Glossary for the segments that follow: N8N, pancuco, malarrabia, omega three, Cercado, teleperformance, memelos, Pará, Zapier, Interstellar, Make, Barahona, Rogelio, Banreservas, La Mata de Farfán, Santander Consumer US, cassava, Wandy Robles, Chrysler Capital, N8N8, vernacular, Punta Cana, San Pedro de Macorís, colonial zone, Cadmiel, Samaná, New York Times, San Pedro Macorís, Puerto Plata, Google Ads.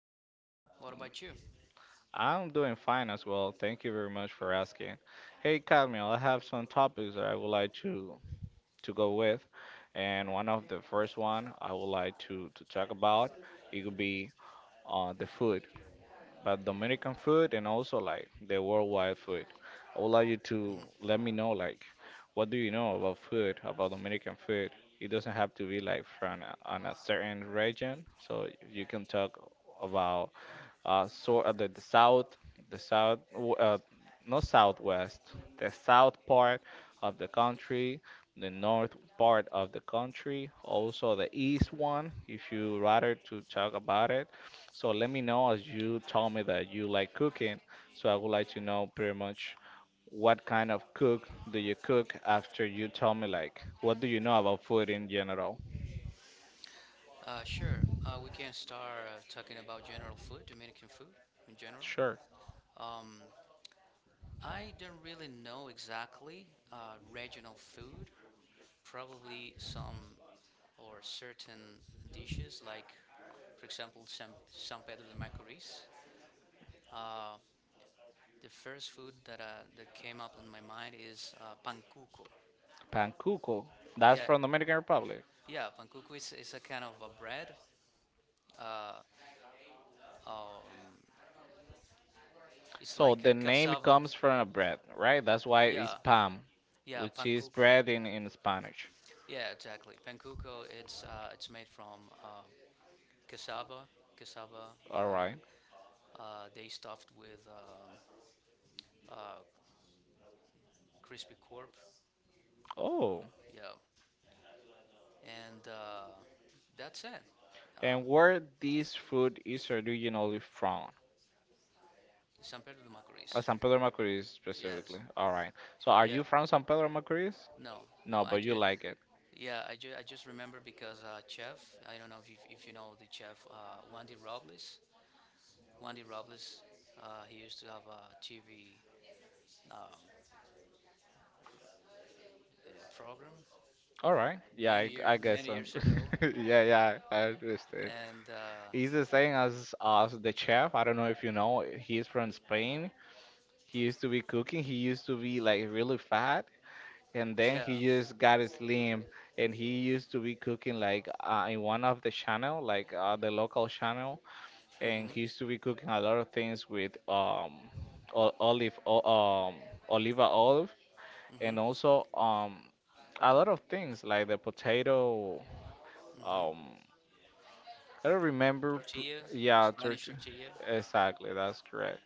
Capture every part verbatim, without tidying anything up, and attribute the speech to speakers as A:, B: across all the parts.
A: good. What about you?
B: I'm doing fine as well. Thank you very much for asking. Hey, Cadmiel, I have some topics that I would like to to go with, and one of the first one I would like to to talk about it could be uh, the food, but Dominican food and also like the worldwide food. I would like you to
A: hmm
B: let me know like what do you know about food, about Dominican food. It doesn't have to be like from a, on a certain region, so you can talk about uh, so uh, the, the south, the south, w- uh, not southwest, the south part of the country, the north part of the country, also the east one, if you rather to talk about it. So let me know as you told me that you like cooking. So I would like to know pretty much what kind of cook do you cook after you tell me like what do you know about food in general?
A: Uh, sure. Uh, we can start uh, talking about general food, Dominican food in general.
B: Sure.
A: Mm, I don't really know exactly uh, regional food. Probably some or certain dishes, like for example, San, San Pedro de Macorís. Uh, the first food that uh, that came up in my mind is uh, pancuco.
B: Pancuco. That's
A: Yeah,
B: from Dominican Republic.
A: yeah, pancuco is, is a kind of a bread. Uh, um, it's
B: So
A: like
B: the
A: a
B: name
A: cassava.
B: comes from a bread, right? That's why it's
A: Yeah,
B: pan,
A: Yeah,
B: which is
A: pankuko.
B: bread in, in Spanish.
A: Yeah, exactly. Pankuko. It's uh, it's made from um, cassava. Cassava.
B: All right.
A: Uh, uh, they stuffed with um, uh, crispy corp.
B: Oh,
A: Yeah, and uh, that's it. Uh,
B: and where this food is originally from?
A: San Pedro de
B: Uh,
A: Macorís.
B: San Pedro Macorís specifically.
A: Yes.
B: All right. So are you
A: Yeah.
B: from San Pedro Macorís?
A: No.
B: No,
A: No.
B: but
A: I
B: you
A: just.
B: like it.
A: Yeah. I just. I just remember because uh, chef. I don't know if you, if you know the chef. Uh, Wandy Robles. Wandy Robles. Uh, he used to have a T V um, uh, program
B: All right. Yeah, I,
A: many
B: I
A: years
B: guess
A: many
B: so.
A: years ago,
B: Yeah, yeah, I understand.
A: and uh,
B: He's the same as as the chef. I don't know if you know. He's from Spain. He used to be cooking. He used to be like really fat and then he
A: yeah.
B: just got slim and he used to be cooking like uh, in one of the channel like uh, the local channel and
A: hmm
B: he used to be cooking a lot of things with um o- olive o- um oliva olive and
A: hmm
B: also um a lot of things like the potato
A: hmm
B: um I don't remember pr-
A: tortilla,
B: yeah
A: Spanish
B: turkey
A: tortilla.
B: exactly that's correct.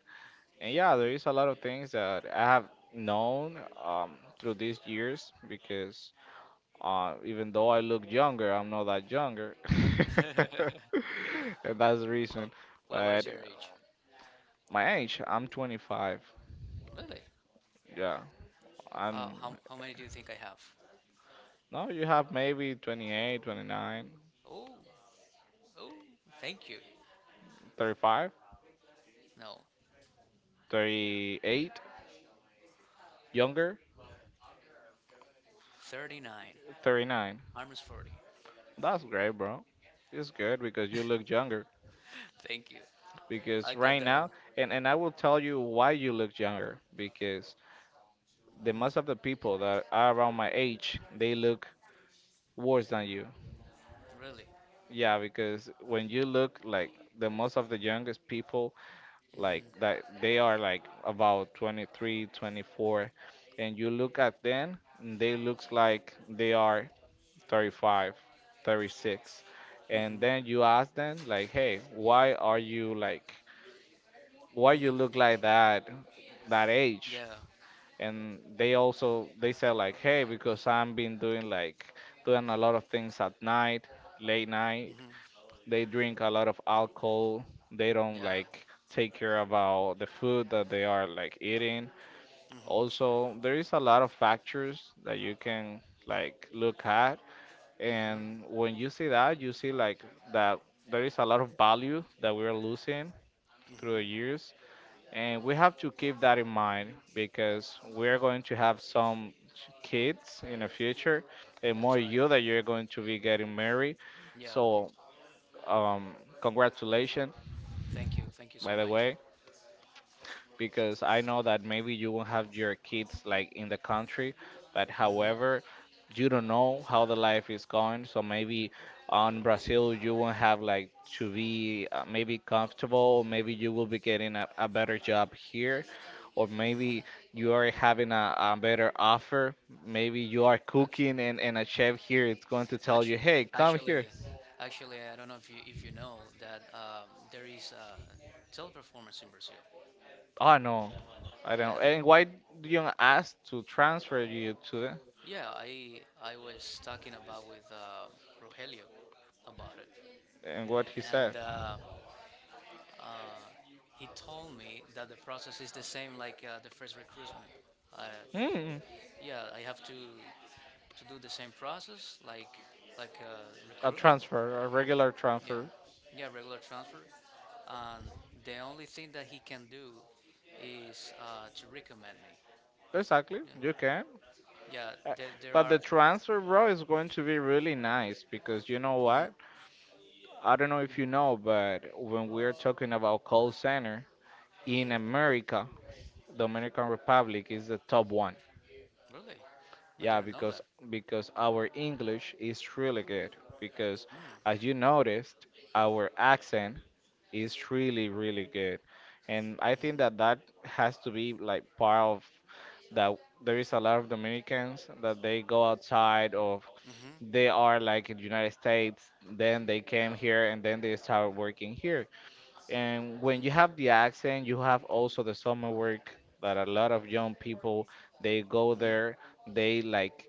B: And yeah, there
A: hmm
B: is a lot of things that I have known um through these years because Uh, even though I look younger, I'm not that younger. And that's the reason.
A: oh, well, what
B: But
A: is your age?
B: my age, I'm twenty-five.
A: Really?
B: Yeah.
A: Uh,
B: I'm
A: how how many do you think I have?
B: no, you have maybe twenty-eight, twenty-nine,
A: Oh, oh, thank you.
B: thirty-five,
A: No,
B: thirty-eight, younger,
A: thirty nine.
B: thirty-nine.
A: Armor's forty.
B: That's great, bro. It's good because you look younger.
A: Thank you.
B: Because
A: I
B: right
A: got that a
B: now,
A: lot.
B: and, and I will tell you why you look younger. Because the most
A: Mm,
B: of the people that are around my age, they look worse than you.
A: really.
B: Yeah, because when you look like the most of the youngest people like
A: hmm
B: that they are like about twenty-three, twenty-four and you look at them and they looks like they are thirty-five, thirty-six. And
A: hmm
B: then you ask them like, "Hey, why are you like why you look
A: hmm
B: like that that age?"
A: Yeah.
B: And they also they say like, "Hey, because I've been doing like doing a lot of things at night, late night
A: hmm
B: they drink a lot of alcohol. They don't
A: Yeah.
B: like take care about the food that they are like eating.
A: hmm
B: Also, there is a lot of factors that you can like look at.
A: hmm
B: And when you see that, you see like that there is a lot of value that we are losing through the
A: hmm
B: years. And we have to keep that in mind because we're going to have some kids in the future and more
A: That's right.
B: you that you're going to be getting married.
A: Yeah.
B: So, um, congratulations
A: Thank you. Thank you
B: by
A: so
B: the
A: much.
B: way, because I know that maybe you will have your kids like in the country, but
A: hmm
B: however, you don't know how the life is going. So maybe on Brazil you won't have like to be uh, maybe comfortable. Maybe you will be getting a, a better job here, or
A: Mm-hmm.
B: maybe you are having a, a better offer. Maybe you are
A: Actually,
B: cooking and, and a chef here. It's going to tell you,
A: actually,
B: hey, come
A: actually,
B: here.
A: actually, I don't know if you if you know that um, there is uh, teleperformance in Brazil.
B: Oh no, I
A: Yeah,
B: don't. And why do you ask to transfer you to?
A: yeah. I I was talking about with uh, Rogelio about it,
B: And what he said.
A: and uh, he told me that the process is the same like uh, the first recruitment. Uh,
B: Mm,
A: yeah, I have to to do the same process like like uh,
B: a
A: recruitment.
B: transfer, a regular
A: Yeah,
B: transfer.
A: yeah, regular transfer. And the only thing that he can do is uh, to recommend me.
B: Exactly,
A: Yeah,
B: you can.
A: yeah.
B: Uh,
A: There, there
B: But the
A: are.
B: transfer, bro, is going to be really nice because you know
A: hmm
B: what? I don't know if you know, but when we're talking about call center in
A: hmm
B: America, Dominican Republic is the top one.
A: Really, I
B: Yeah,
A: didn't know
B: because
A: that.
B: because our English is really good. Because as you noticed, our accent is really, really good. And I think
A: Mm-hmm.
B: that that has to be like part of that. There is a lot of Dominicans that they go outside of,
A: hmm hmm
B: they are like in the United States, then they came
A: Yeah.
B: here and then they start working here. And when you
A: hmm
B: have the accent, you have also the summer work that a lot of young people they go
A: hmm
B: there, they like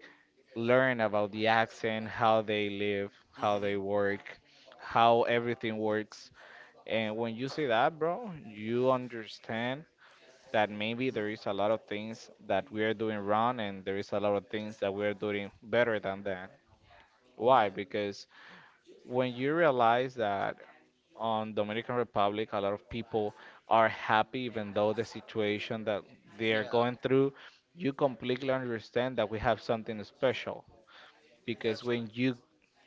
B: learn about the accent, how they live, how
A: hmm
B: they work, how everything works. And when you see that, bro, you understand that maybe
A: hmm
B: there is a lot of things that we are doing wrong and there is a lot of things that we are doing better than that. Why? Because when you realize that on Dominican Republic, a lot of people are happy even though the situation that they
A: Yeah.
B: are
A: yeah,
B: going through, you completely understand that we have something special. Because
A: that's right.
B: when you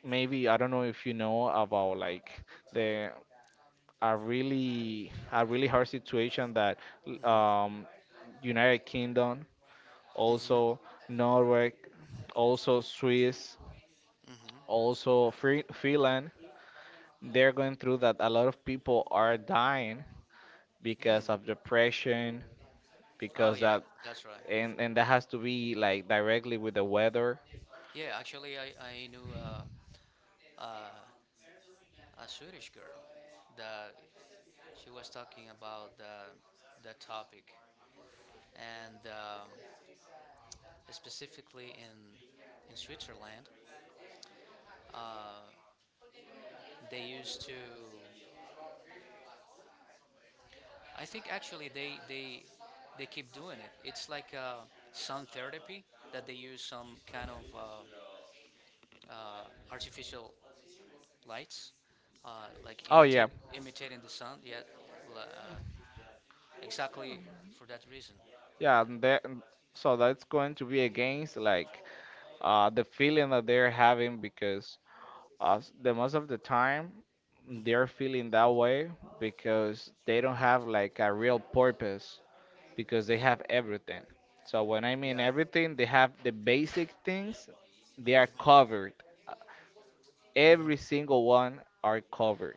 B: maybe I don't know if you know about like the a really a really hard situation that
A: hmm
B: um, United Kingdom,
A: hmm
B: also Norway, also Swiss,
A: hmm
B: also Fre- Finland, they're going through that. A lot of people are dying because
A: Mm.
B: of depression,
A: Oh
B: because
A: yeah,
B: that
A: that's right.
B: and and that has to be like directly with the weather.
A: Yeah, actually, I I knew uh, uh, a Swedish girl that she was talking about the the topic, and um, specifically in in Switzerland. Uh, they used to, I think actually they they they keep doing it. It's like uh, sun therapy that they use some kind of uh, uh, artificial lights, uh, like
B: Oh yeah,
A: imitate, imitating the sun. Yeah, uh, exactly for that reason.
B: yeah.
A: Yeah.
B: and That, so that's going to be against like uh, the feeling that they're having because us the most of the time
A: hmm
B: they're feeling that way because they don't have like a real purpose because they have everything. So when I mean
A: Yeah.
B: everything, they have the basic things, they are covered,
A: hmm
B: every single one are covered.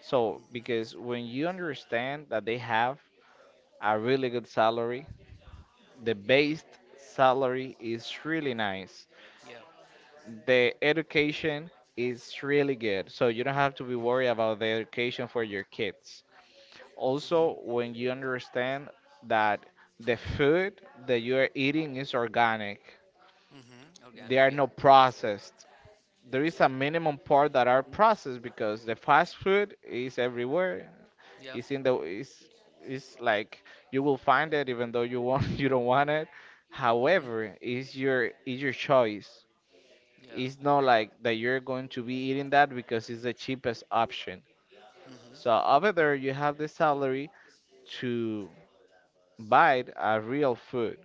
B: So
A: hmm
B: because when you understand that they have a really good salary, the base salary is really nice,
A: Yeah.
B: the education is really good. So you don't have to be worried about the education for your kids. Also,
A: hmm
B: when you understand that the food that you are eating is organic,
A: hmm Organic.
B: they are
A: Yeah.
B: not processed. There is a minimum part that are processed because the fast food is everywhere.
A: Yeah.
B: It's in the it's it's like you will find it even though you want you don't want it.
A: hmm
B: However, it's your it's your choice.
A: Yeah.
B: It's not like that you're going to be eating that because it's the cheapest option. So
A: hmm
B: over there, you have the salary to buy a real food,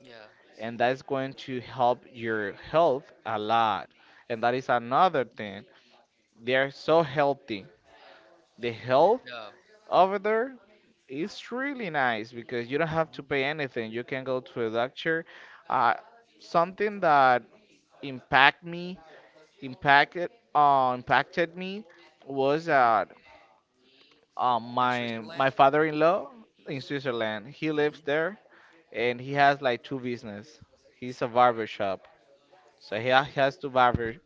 A: Yeah.
B: and that's going to help your health a lot. And that is another
A: hmm
B: thing. They are so healthy. The health
A: Yeah.
B: over there is really nice because you don't have to
A: Mm-hmm.
B: pay anything. You can go to a doctor. Uh, Something that impact me, impacted, uh, impacted me was that um,
A: In
B: my my
A: Switzerland?
B: father-in-law in Switzerland. He lives
A: hmm
B: there, and he has like two business. He's a
A: All right.
B: barber shop, so
A: Oh,
B: he ha- he has two barber,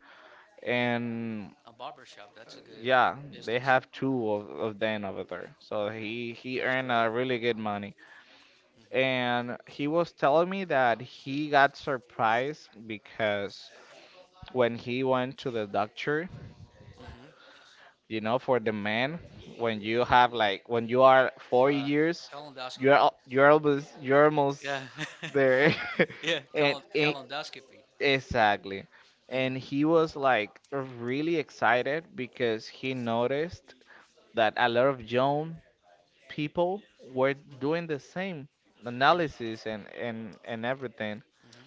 B: and
A: a barber shop. That's a good
B: yeah, they
A: business.
B: have two of, of them over there. So he he
A: That's
B: earned
A: great.
B: uh, really good money,
A: hmm
B: and he was telling me that he got surprised because when he went to the doctor.
A: hmm
B: You know, for the man, when you have like when you are forty
A: Uh,
B: years, you're
A: colonoscopy.
B: al- you're almost you're
A: Yeah.
B: almost there.
A: yeah.
B: And
A: Cal-
B: it,
A: calendoscopy.
B: exactly. And he was like really excited because he noticed that a lot of young people were doing the same analysis and and and everything
A: hmm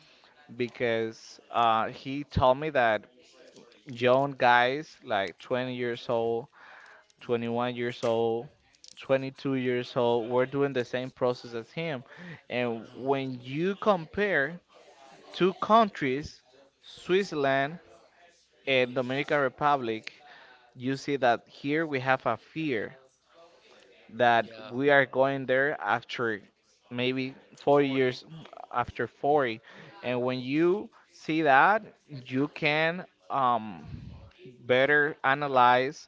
B: because uh, he told me that young guys like twenty years old twenty-one years old, twenty-two years old. We're doing the same process as him. And
A: hmm
B: when you compare two countries, Switzerland and Dominican Republic, you see that here we have a fear that
A: Yeah.
B: we are going there after maybe forty
A: forty.
B: years after forty. And when you see that you can um, better analyze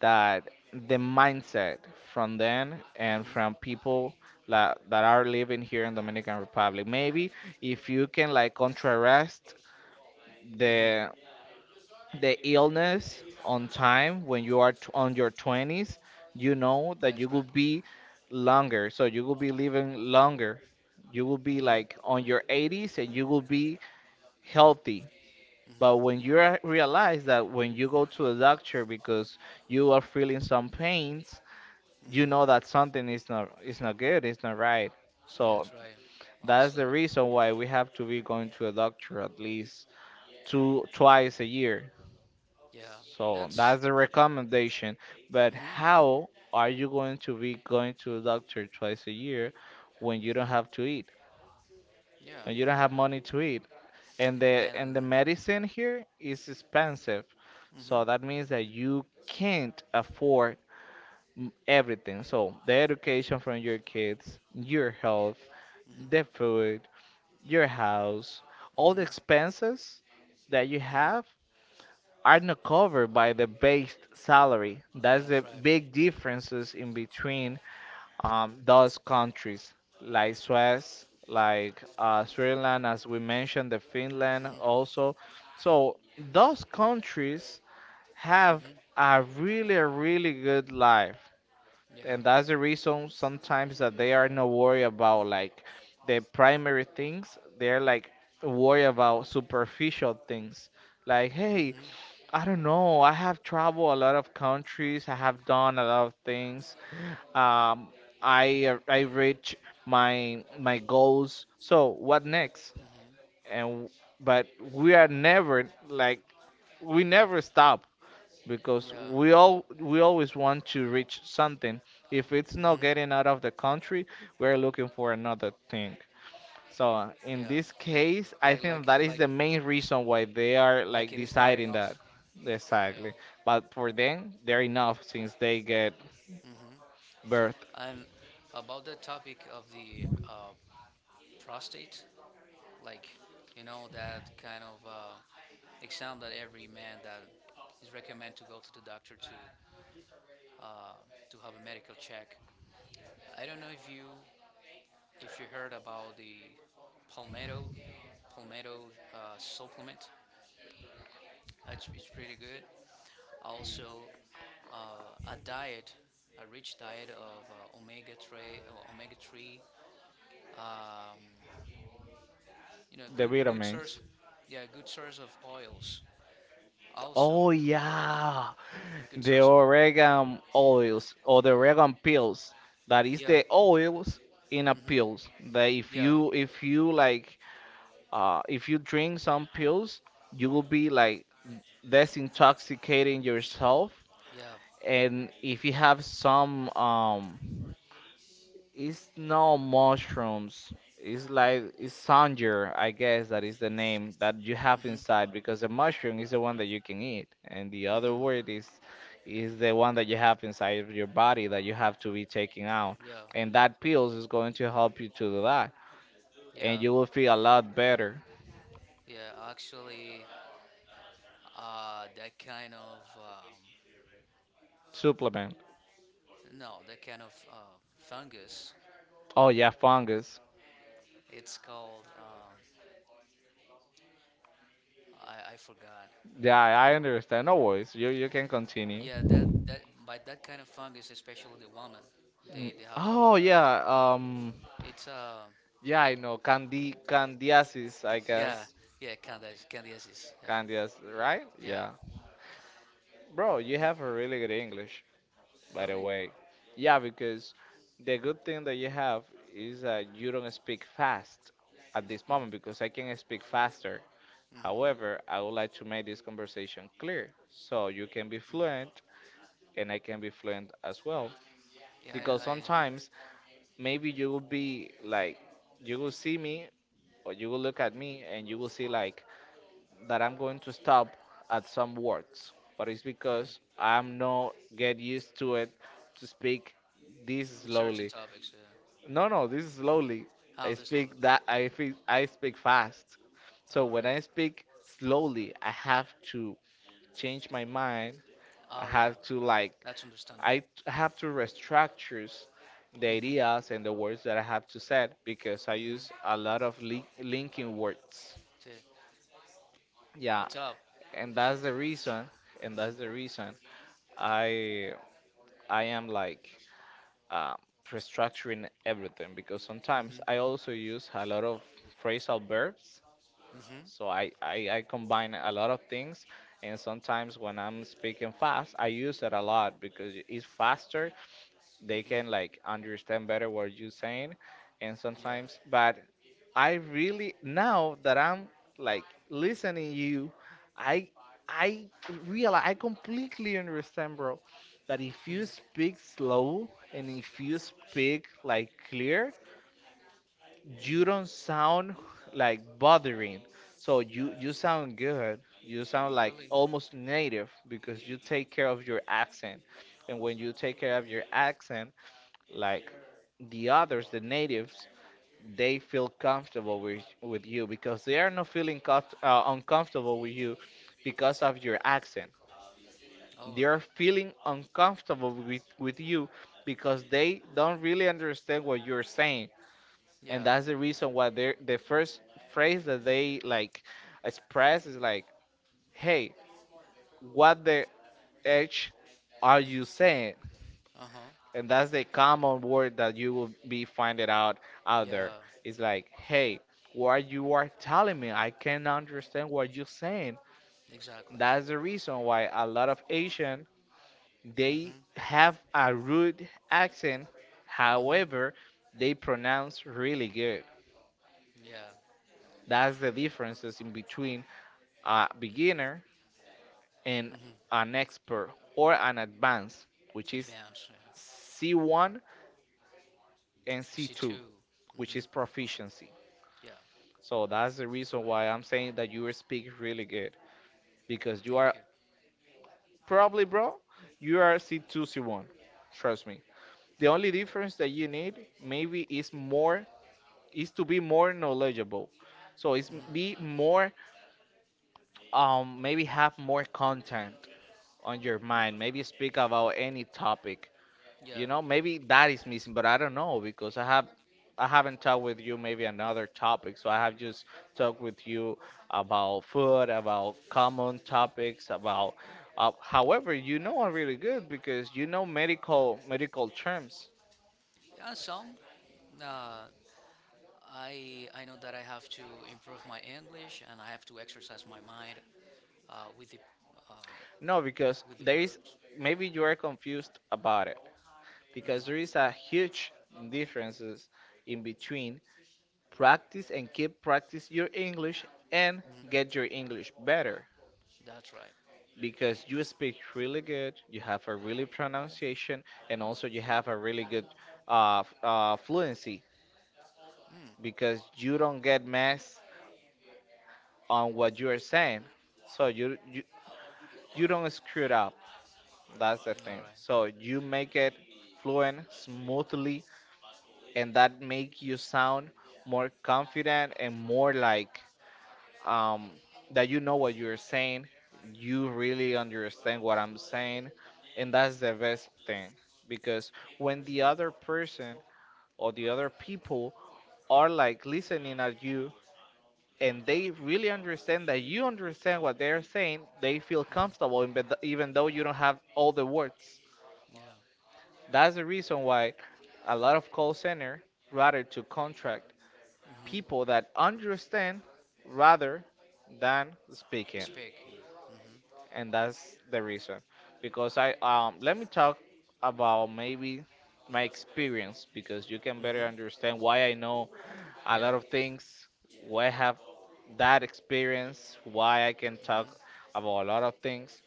B: that the mindset from them and from
A: hmm
B: people la that are living here in Dominican Republic. Maybe if you can like contrast
A: hmm
B: the the illness on time when you are t on your twenties, you know that
A: That's
B: you will
A: right.
B: be longer. So you will be living longer. You will be like
A: hmm
B: on your eighties and you will be healthy. But
A: hmm
B: when you re- realize that when you go to a doctor because you are feeling some pain, you know
A: hmm
B: that something is not is not good, it's not right. So
A: That's right.
B: that's
A: Also,
B: the reason why we have to be going to a doctor at least two twice a year.
A: yeah.
B: So
A: That's.
B: that's the recommendation. But
A: hmm
B: how are you going to be going to a doctor twice a year when you don't
A: hmm
B: have to eat?
A: Yeah.
B: When you don't have money to eat? And the
A: And.
B: and the medicine here is expensive. So
A: hmm
B: that means that you can't afford m- everything. So the education from your kids, your health,
A: hmm
B: the food, your house, all the
A: hmm
B: expenses that you
A: hmm
B: have are not covered by the base salary. That's
A: That's
B: the
A: right.
B: big differences in between um, those countries, like Swiss, like uh, Switzerland, as we mentioned, the Finland
A: hmm
B: also. So those countries have
A: hmm
B: a really, really good life,
A: Yeah.
B: and that's the reason sometimes that they are not worried about like the primary things. They're like worried about superficial things like, hey,
A: hmm
B: I don't know, I have traveled a lot of countries, I have done a lot of things. um I uh, I reach my my goals, so what next?
A: hmm
B: And but we are never like, we never stop because
A: Yeah.
B: we all we always want to reach something. If it's not
A: Mhm.
B: getting out of the country, we're looking for another thing. So in
A: Yeah.
B: this
A: Like
B: case, I
A: like
B: think
A: like it
B: that is
A: like
B: the main reason why they are
A: like
B: like
A: it is not
B: deciding that.
A: enough. Yeah.
B: Exactly. But for them, they're enough since they get
A: Mhm.
B: birth
A: And about the topic of the uh, prostate, like you know that kind of uh, exam that every man that is recommended to go to the doctor to to have a medical check. I don't know if you if you heard about the palmetto palmetto uh, supplement. It's, it's pretty good. Also, uh, a diet, a rich diet of uh, omega three, uh, omega three. Um, you know,
B: the
A: good good source,
B: vitamins.
A: yeah, good source of oils. Also,
B: Oh yeah,
A: good
B: the
A: source of
B: oregano oils or the oregano pills. That is
A: yeah,
B: the oils in a pills. That if
A: yeah,
B: you if you like uh, if you drink some pills, you will be like desintoxicating yourself.
A: yeah.
B: And if you have some, um, it's no mushrooms. It's like it's sanger, I guess that is the name that you have
A: Mhm,
B: inside, because the mushroom is the one that you can eat, and the other
A: mhm.
B: word is is the one that you have inside of your body that you have to be taking out,
A: Yeah,
B: and that pills is going to help you to do that, and
A: yeah,
B: you will feel a lot better.
A: yeah. Actually, uh, that kind of um,
B: Supplement.
A: no, that kind of uh, fungus.
B: Oh yeah, fungus.
A: It's called um, I I forgot.
B: Yeah, I understand. No worries. You you can continue.
A: Yeah, that that by that kind of fungus, especially the woman,
B: Mm.
A: they they have it a
B: Oh
A: lot.
B: yeah. Um.
A: It's uh
B: Yeah, I know. Candy candiasis, I
A: yeah
B: guess.
A: yeah Candy Candy Aziz yeah
B: Candias, right?
A: yeah
B: Yeah. Bro, you have a really good English, by the
A: really
B: way. Yeah, because the good thing that you have is that you don't speak fast at this moment because I can speak faster.
A: mm-hmm.
B: However, I would like to make this conversation clear so you can be fluent and I can be fluent as well.
A: yeah
B: Because
A: I, I
B: sometimes maybe you will be like you will see me or you will look at me and you will see like that I'm going to stop at some words, but it's because I'm not get used to it, to speak this
A: in certain
B: slowly.
A: topics yeah
B: No, no, this is slowly.
A: how
B: I
A: this logo
B: speak that I fe- I speak fast, so
A: all
B: when
A: right
B: I speak slowly I have to change my mind, I
A: oh yeah
B: have to like,
A: that's
B: I
A: understandable
B: t- have to restructure the
A: mm-hmm
B: ideas and the words that I have to say because I use
A: mm-hmm
B: a lot of link linking words.
A: so,
B: Yeah,
A: what's up
B: and that's the reason, and that's the
A: mm-hmm
B: reason I I am like, um, restructuring everything because sometimes I
A: mm-hmm
B: also use a lot of phrasal verbs.
A: mm-hmm
B: So I, I, I combine a lot of things, and sometimes when I'm speaking fast I use it a lot because it's faster. They can
A: mm-hmm
B: like understand better what you're saying, and
A: yeah
B: sometimes, but I really, now that I'm like listening you, i i realize I completely understand, bro, that if you
A: mm-hmm
B: speak slow and if you speak like clear, you don't
A: mm-hmm
B: sound like bothering. So you you sound good, you sound like
A: really
B: almost native because you take care of your accent. And when you take care of your
A: mm.
B: accent, like the others, the natives, they feel comfortable with with you because they are not feeling comf- uh, uncomfortable with you because of your accent.
A: all
B: They are
A: right
B: feeling uncomfortable with with you because they don't really understand what you're saying, and
A: yeah
B: that's the reason why they, the first phrase that they like express is like, "Hey, what the h are you
A: mm-hmm.
B: saying?"
A: uh-huh
B: And that's the common word that you will be finding out out there.
A: yeah
B: It's like, hey, what you are telling me, I can't understand what you're saying.
A: exactly
B: That's the reason why a lot of Asian, they
A: mm-hmm
B: have a rude accent.
A: mm-hmm
B: However, they pronounce really good.
A: yeah
B: That's the differences in between a beginner and
A: mm-hmm
B: an expert or an advanced, which is
A: advance yeah
B: C one and
A: C
B: C two,
A: two
B: which
A: mm-hmm
B: is proficiency.
A: yeah
B: So that's the reason why I'm saying that you speak really good, because you
A: thank
B: are
A: you
B: probably, bro, you are C two, C one. Trust me. The only difference that you need maybe is more, is to be more knowledgeable. So it's
A: Mm-hmm.
B: be more, um maybe have more content on your mind. Maybe speak about any topic.
A: Yeah,
B: You know, maybe that is missing, but I don't know because I have, I haven't talked with you maybe another topic. So I have just talked with you about food, about common topics, about uh, however you know are really good because you know medical medical terms.
A: yeah, some. Uh, I I know that I have to improve my English and I have to exercise my mind uh, with the um,
B: No, because
A: with the
B: there is,
A: verbs.
B: maybe you are confused about it, because there is a huge differences in between practice and keep practice your English and
A: hmm
B: get your English better.
A: That's right.
B: Because you speak really good, you have a really pronunciation, and also you have a really good uh, f- uh, fluency
A: Mm.
B: because you don't get messed on what you are saying. So you, you you don't screw it up. That's the thing.
A: All right.
B: So you make it fluent smoothly, and that make you sound more confident and more like, um, that you know what you're saying, you really understand what I'm saying, and that's the best thing because when the other person or the other people are like listening at you and they really understand that you understand what they're saying, they feel comfortable in bed- even though you don't have all the words.
A: Yeah.
B: That's the reason why a lot of call center rather to contract people
A: Mm-hmm.
B: that understand rather than speaking.
A: Speaking. Mm-hmm.
B: And that's the reason, because I, um let me talk about maybe my experience because you can better
A: Mm-hmm.
B: understand why I know a lot
A: Yeah.
B: of things, why I have that experience, why I can talk
A: Mm-hmm.
B: about a lot of things.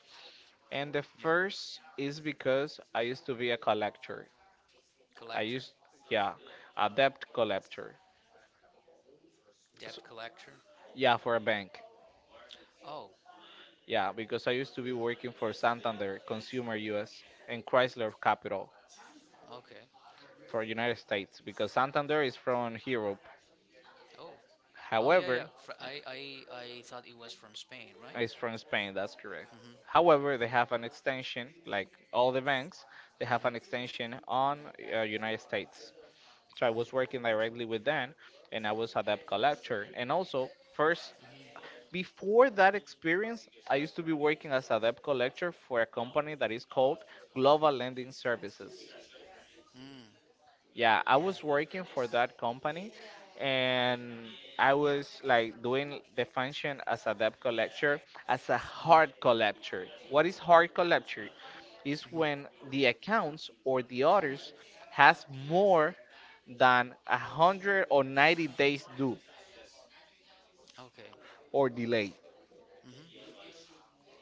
B: And the
A: Yeah.
B: first is because I used to be a collector. I
A: Collector.
B: used, yeah, a debt collector. So,
A: Debt collector.
B: yeah, for a bank.
A: Oh.
B: Yeah, because I used to be working for Santander Consumer US and Chrysler Capital
A: Okay.
B: for United States because Santander is from Europe.
A: Oh. Oh yeah yeah.
B: However,
A: Fr- I I I thought it was from Spain, right?
B: it's from Spain. That's correct. However, they have an extension, like all the banks, they have an extension on uh, United States. So I was working directly with them, and I was a debt collector. And also, first, before that experience, I used to be working as a debt collector for a company that is called Global Lending Services.
A: Mm.
B: Yeah, I was working for that company, and I was like doing the function as a debt collector, as a hard collector. What is hard collector? Is when the accounts or the orders has more than a hundred or ninety days due
A: Okay.
B: or delay.
A: Mm-hmm.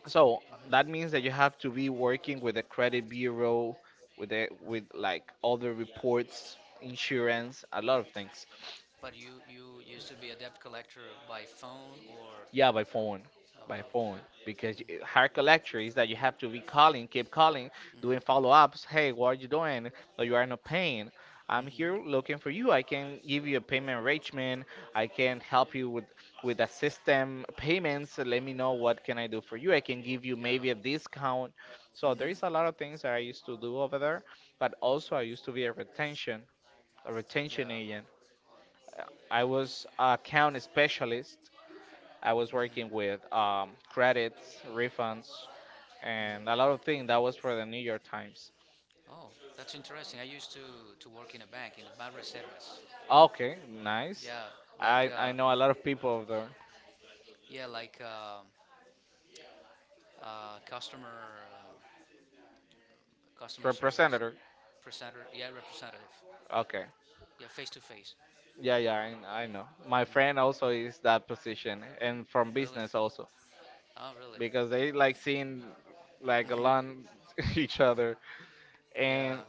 B: So that means that you have to be working with the credit bureau, with the, with like other reports, insurance, a lot of things.
A: But you you used to be a debt collector by phone or
B: Yeah, by phone, by phone.
A: okay.
B: Because you hard collector is that you have to be calling, keep calling, doing
A: Mm-hmm.
B: follow-ups. Hey, what are you doing? But you are not paying. I'm
A: Mm-hmm.
B: here looking for you. I can give you a payment arrangement. I can help you with with the system payments. Let me know what can I do for you. I can give you
A: Yeah.
B: maybe a discount. So there
A: Mm-hmm.
B: is a lot of things that I used to do over there. But also I used to be a retention, a retention
A: Yeah.
B: agent. Uh, I was a account specialist. I was working with um, credits, refunds, and a lot of things. That was for the New York Times.
A: Oh, that's interesting. I used to to work in a bank in Banreservas.
B: Okay, nice.
A: Yeah, like
B: I, I
A: uh,
B: know a lot of people of the
A: yeah, like um, uh, customer um, customer service
B: representative.
A: presenter. Yeah, representative.
B: Okay.
A: Yeah, face to face.
B: Yeah, yeah, I, I know. My friend also is that position and from
A: Really?
B: business also
A: Oh, really?
B: because they like seeing like
A: Mm-hmm.
B: along each other.
A: Yeah.
B: And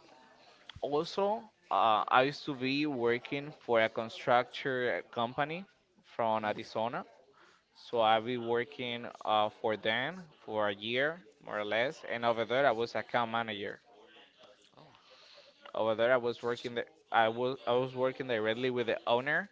B: also, uh, I used to be working for a constructor company from
A: Mm.
B: Arizona. So I be
A: Oh.
B: working uh, for them for a year, more or less. And over there, I was account manager.
A: Oh.
B: Over there, I was working.
A: Interesting.
B: The, I was I was working directly with the owner,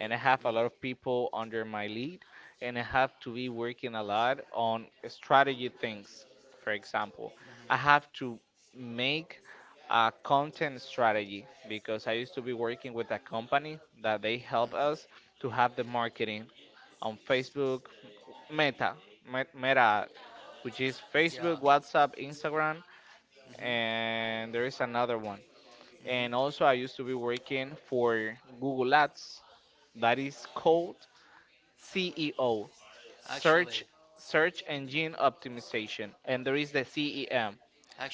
B: and I have
A: Mm-hmm.
B: a lot of people under my lead, and I have to be working a lot on strategy things. For example, I
A: Mm-hmm.
B: have to make a content strategy because I used to be working with a company that they help
A: Mm-hmm.
B: us to have the marketing on Facebook, Meta, Me- Meta, which is
A: Yeah.
B: Facebook, WhatsApp, Instagram,
A: Mm-hmm.
B: and there is another one, and
A: Mm-hmm.
B: also I used to be working for Google Ads. That is called C E O, search
A: Actually,
B: search engine optimization, and there is the C E M,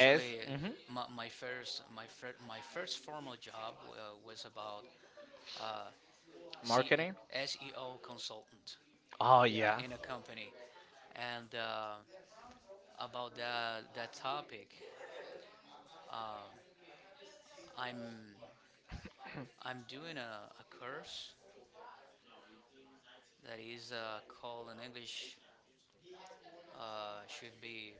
B: S mhm,
A: my, my first my fir- my first formal job uh, was about uh, C
B: marketing.
A: S E O consultant.
B: Oh
A: Yeah,
B: yeah,
A: in a company, and uh, about that that topic, I'm I'm doing a, a course that is uh, called in English uh, should be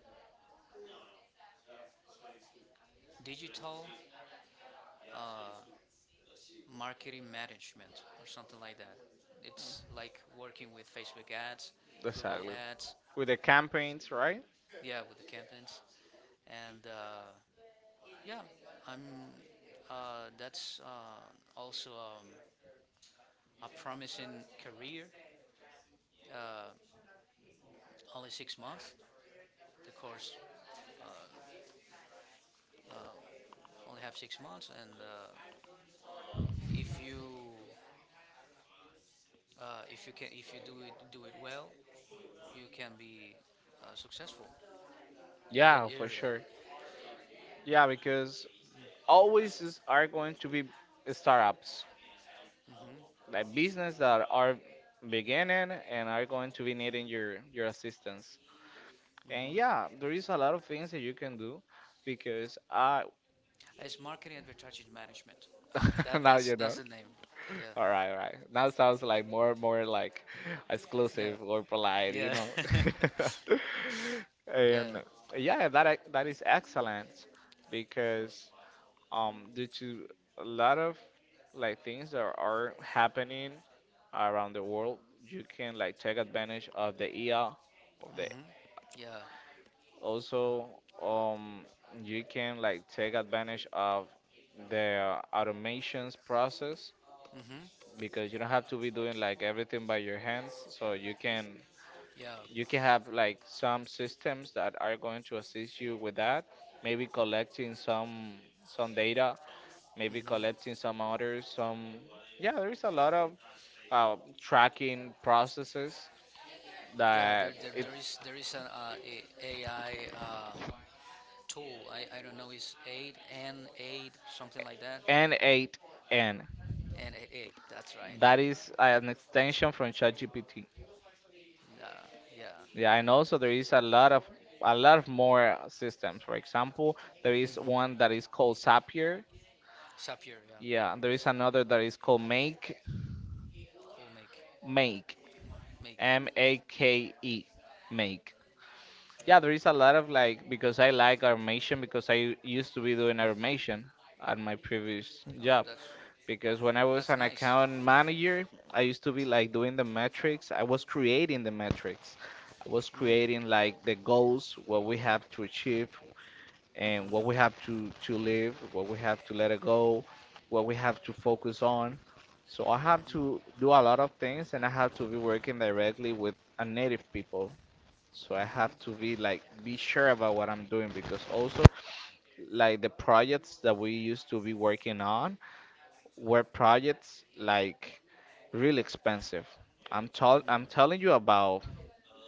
A: digital marketing management or something like that. It's like working with Facebook ads, Google
B: exactly.
A: ads,
B: With the campaigns, right?
A: yeah, with the campaigns and. Uh, Yeah, I'm. Uh, that's uh, also um, a promising career. Uh, only six months. The course only have six months, and uh, if you uh, if you can if you do it do it well, you can be uh, successful in that
B: Yeah, for
A: area.
B: sure. Yeah, because always is, are going to be startups, like business that are beginning and are going to be needing your your assistance. And yeah, there is a lot of things that you can do because I
A: It's marketing advertising management. That
B: now
A: that's
B: you know.
A: that's the name. Yeah,
B: All right, all right. Now it sounds like more more like
A: yeah,
B: exclusive or polite, you
A: yeah,
B: know.
A: yeah.
B: And yeah, that ac- that is excellent because um due to a lot of like things that are happening around the world, you can like take advantage of the E A of the.
A: hmm Yeah.
B: Also, um, you can like take advantage of the automations process
A: hmm
B: because you don't have to be doing like everything by your hands. So you can
A: Yeah.
B: you can have like some systems that are going to assist you with that. Maybe collecting some some data, maybe
A: Mhm.
B: collecting some orders, some yeah. There is a lot of uh, tracking processes
A: Yeah,
B: that
A: there, there,
B: it's
A: there is there is an uh, a- AI uh, tool. I, I don't know, it's eight N eight something like that.
B: N eight N.
A: N eight eight. That's right.
B: That is an extension from ChatGPT.
A: Uh, yeah,
B: Yeah, and also there is a lot of a lot of more systems. For example, there is one that is called Zapier.
A: Sapir. Yeah,
B: Yeah, there is another that is called Make,
A: cool. Make
B: Make,
A: make.
B: M A K E, Make. Yeah, there is
A: No,
B: a lot of like because I like automation because I used to be doing automation at my previous
A: no,
B: job.
A: that's
B: Because when I was
A: that's
B: an
A: nice.
B: account manager, I used to be like doing the metrics. I was creating the metrics. I was
A: Mm,
B: creating like the goals, what we have to achieve
A: Mm.
B: and
A: mhm,
B: what we have to to live, what we have to let it go, what we have to focus on. So I have
A: mm,
B: to do a lot of things and I have to be working directly with a native people. So I
A: mhm,
B: have to be like be sure about what I'm doing because also like the projects that we used to be working on were projects like really expensive. I'm tell I'm
A: mm.
B: telling you about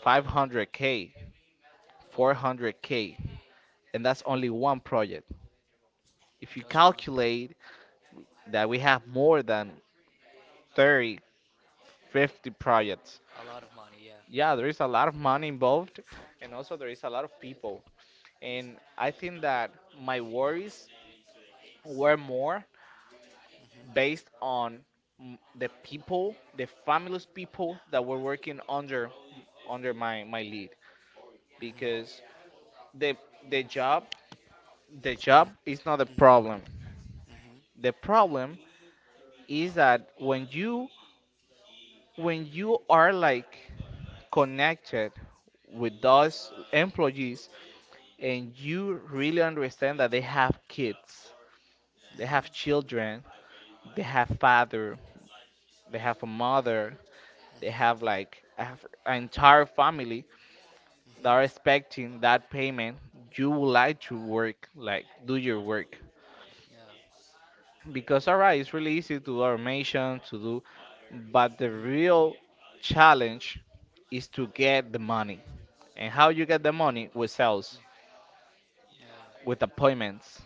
B: five hundred k,
A: Oh,
B: four hundred k, and that's only one project. If you
A: just one.
B: calculate that we have more than thirty, fifty projects,
A: A lot of money. Yeah.
B: yeah, there is a lot of money involved, and also there is a lot of people. And I think that my worries were more based on mm, the people, the family's people that were working under under my my lead because the the job the job
A: Mm,
B: is not the
A: mhm,
B: problem.
A: Mm. mhm,
B: The problem is that when you when you are like connected with those employees and you really understand that they have kids, they
A: mhm,
B: have children, they have father, they have a mother, they have like a f- an entire family that are
A: mhm.
B: expecting that payment, you would like to work, like do your work.
A: Yeah.
B: Because all right, it's really easy to do automation to do, but
A: Mm.
B: the
A: Mhm.
B: real challenge is to get the money. And how you get the money? With sales,
A: Yeah.
B: with appointments.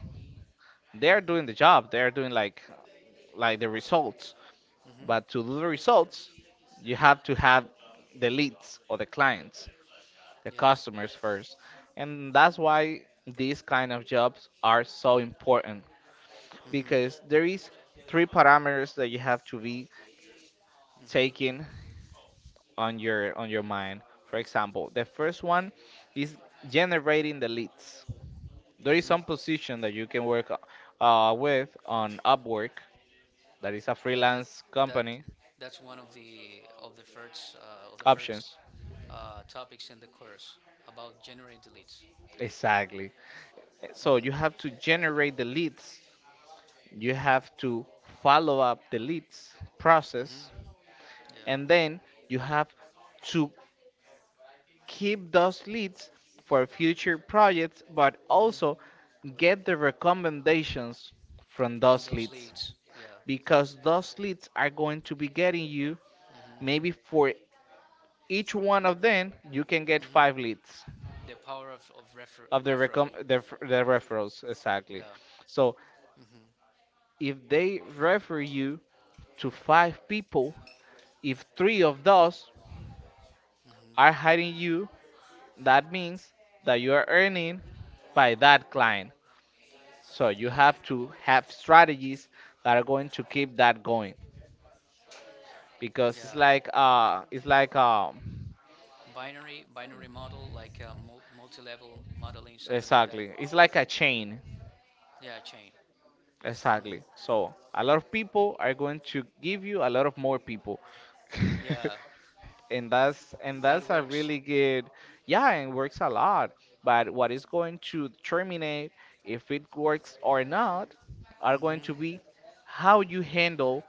B: They are
A: Mm. Mhm.
B: doing the
A: Mm.
B: job. They are doing like like the results.
A: Mhm.
B: But to do the results, you have to have the leads or the clients, the
A: Yeah.
B: customers first. And that's why these kind of jobs are so important
A: Mm. Mhm.
B: because there is three parameters that you have to be
A: Mm.
B: taking on your on your mind. For example, the first one is generating the leads. There is
A: Mhm.
B: some position that you can work uh, with on Upwork, that is a
A: Yeah, that
B: freelance
A: that
B: company.
A: that's one of the of the first uh, of the first
B: Options,
A: uh, topics in the course about generating the leads.
B: exactly. So you
A: hmm
B: have to generate the leads. You have
A: hmm
B: to follow up the leads process,
A: hmm Yeah,
B: and then you have to keep those leads for future projects, but also
A: hmm
B: get the recommendations from
A: from
B: those
A: those
B: leads,
A: leads. Yeah,
B: because those leads are going to be getting you
A: hmm
B: maybe, for each one of them you can get
A: hmm
B: five leads
A: the power of of refer-
B: of the recom
A: referral.
B: the, f- the referrals exactly.
A: Yeah,
B: So
A: hmm
B: if they refer you to five people, if three of those are
A: hmm
B: hiring you, that means that you are earning by that client. So you
A: yeah,
B: have to have strategies that are going to keep that going because it's
A: yeah.
B: like uh it's like um
A: Binary binary model like uh, mul- multi level modeling, something like that.
B: exactly, it's like a chain.
A: Yeah, chain.
B: Exactly.
A: Mhm.
B: So a lot of people are going to give you a lot of more people.
A: Yeah,
B: and that's and
A: that
B: that's a
A: works.
B: really good, yeah, and works a lot. But what is going to terminate if it works or not are going to
A: hmm
B: be how you handle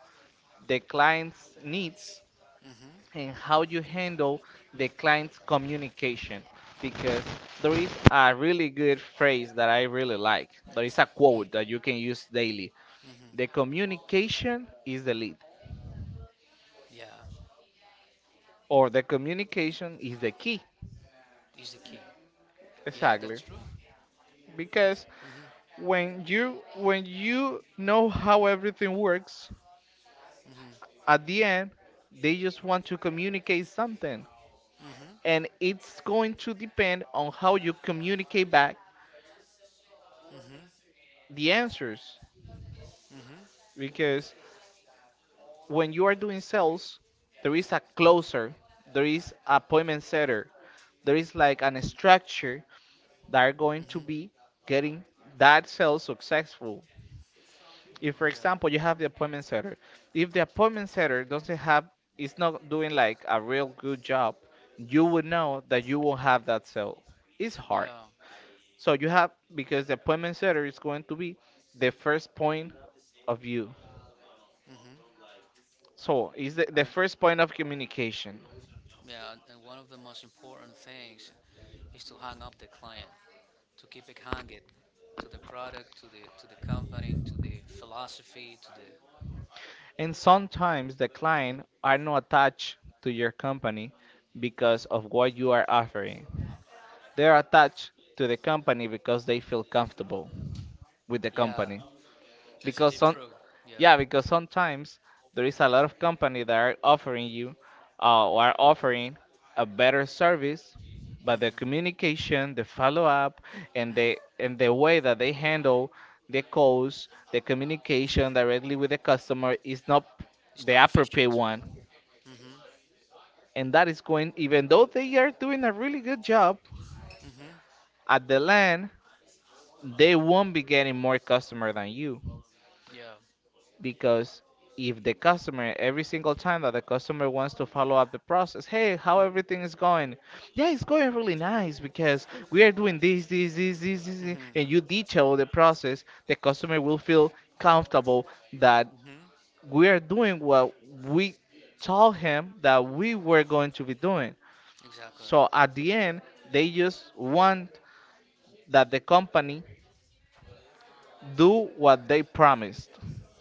B: the client's needs
A: hmm
B: and how you handle the client's communication. Because there is a really good phrase that I really like. There is a quote that you can use daily. The
A: hmm
B: communication is the lead,
A: Yeah,
B: or the communication is the key.
A: is the key. Yeah,
B: Exactly.
A: that's true.
B: Because
A: Mm-hmm.
B: when you when you know how everything works,
A: Mm-hmm.
B: at the end they just want to communicate something.
A: Mm-hmm.
B: And it's going to depend on how you communicate back
A: Mm-hmm.
B: the answers.
A: Mm-hmm.
B: Because when you are doing sales, there is a closer, there is appointment setter, there is like an structure that are going to
A: Mm-hmm.
B: be getting that sale successful. If, for
A: Yeah.
B: example, you have the appointment setter, if the appointment setter doesn't have, is not doing like a real good job, you would know that you won't have that sale. It's hard.
A: Yeah.
B: So you have because the appointment setter is going to be the first point of view.
A: Mm-hmm.
B: So it's the, the
A: And
B: first point of communication.
A: yeah, and and one of the most important things is to hang up the client, to keep it hanging to the product, to the to the company, to the philosophy, to the
B: And sometimes the
A: Mm.
B: client are not attached to your company because of what you are offering. They're attached to the company because they feel comfortable with the
A: yeah.
B: company
A: That's a
B: because
A: deep
B: some
A: truth. Yeah.
B: yeah, because sometimes there is a lot of company that are offering you uh, or are offering a better service, but the
A: Mm-hmm.
B: communication, the follow-up and the and the way that they handle the calls, the communication directly with the customer is not
A: It's
B: the
A: not
B: appropriate
A: efficient.
B: one,
A: Mm-hmm.
B: and that is going, even though they are doing a really good job
A: Mm-hmm.
B: at the land, they won't be getting more customer than you.
A: Yeah.
B: Because if the customer, every single time that the customer wants to follow up the process, hey, how everything is going, yeah, it's going really nice because we are doing this this this this, this this,"
A: Mm-hmm.
B: and you detail the process, the customer will feel comfortable that
A: Mm-hmm.
B: we are doing what we told him that we were going to be doing.
A: Exactly.
B: So at the end they just want that the company do what they promised.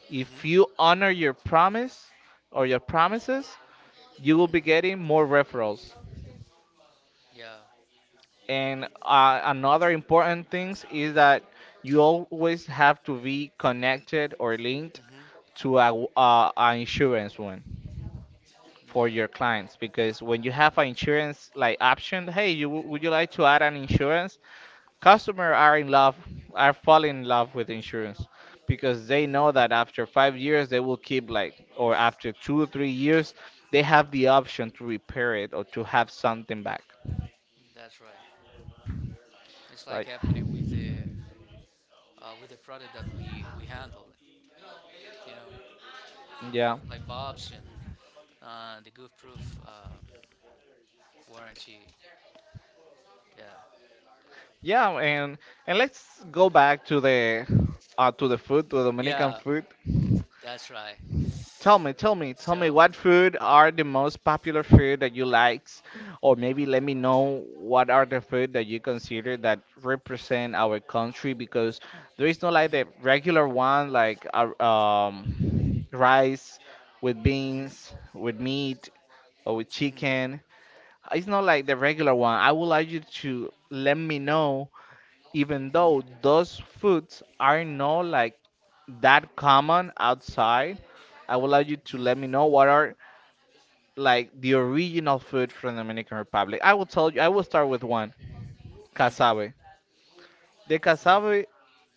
B: If
A: Mm-hmm.
B: you honor your promise or your promises, you will be getting more referrals.
A: Yeah.
B: And uh, another important thing is that you always have to be connected or linked
A: Mm-hmm.
B: to a, w- uh, a insurance one for your
A: Yeah.
B: clients, because when you have an insurance like option, hey, you w- would you like to add an insurance? Customers are in love, are falling in love with insurance because they know
A: Mm-hmm.
B: that after five years they will keep like, or after two or three years, they have the option to repair it or to have something back.
A: That's right. It's like
B: Like,
A: happening with the uh, with the product that we we handle. You know,
B: yeah,
A: like Bob's and uh, the Goof Proof uh, warranty. Yeah,
B: yeah, and and let's go back to the uh, to the food, to the Dominican
A: yeah,
B: food.
A: that's right.
B: Tell me, tell me, tell me
A: So,
B: what food are the most popular food that you likes, or maybe let me know what are the food that you consider that represent our country. Because there is no like the regular one like uh, um rice with
A: mhm,
B: beans, with meat or with
A: mhm,
B: chicken. It's not like the regular one. I would like you to let me know, even
A: mhm,
B: though those foods are not like that common outside, I would like you to
A: mhm,
B: let me know what are like the original food from Dominican Republic. I will tell you. I will start with one,
A: mhm,
B: cassave. The cassave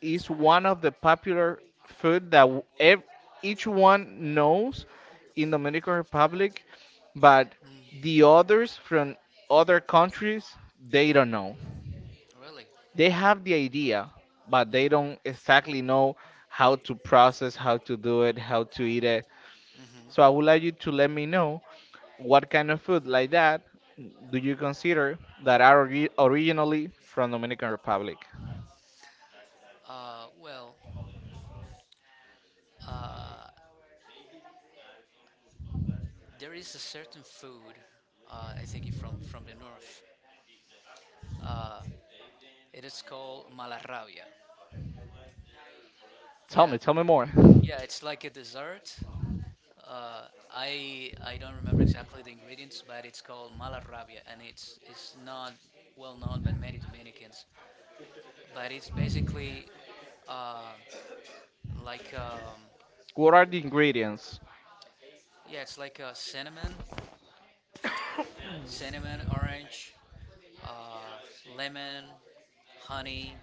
B: is one of the popular food that w- ev- each one knows in Dominican Republic, but
A: mhm.
B: the others from other countries they don't know.
A: really,
B: They have the idea, but they don't exactly know how to process, how to do it, how to eat it.
A: hmm
B: So I would like you to let me know what kind of food like that do you consider that are ori- originally from Dominican Republic?
A: uh, well, there is a certain food. Uh, I think it from from the north. It is called malarrabia.
B: Tell
A: Yeah,
B: me, tell me more.
A: yeah, it's like a dessert. Uh, I I don't remember exactly the ingredients, but it's called malarrabia, and it's it's not well known by many Dominicans. But it's basically uh, like um,
B: What are the ingredients?
A: yeah, it's like uh, cinnamon, cinnamon, orange, uh, lemon, honey.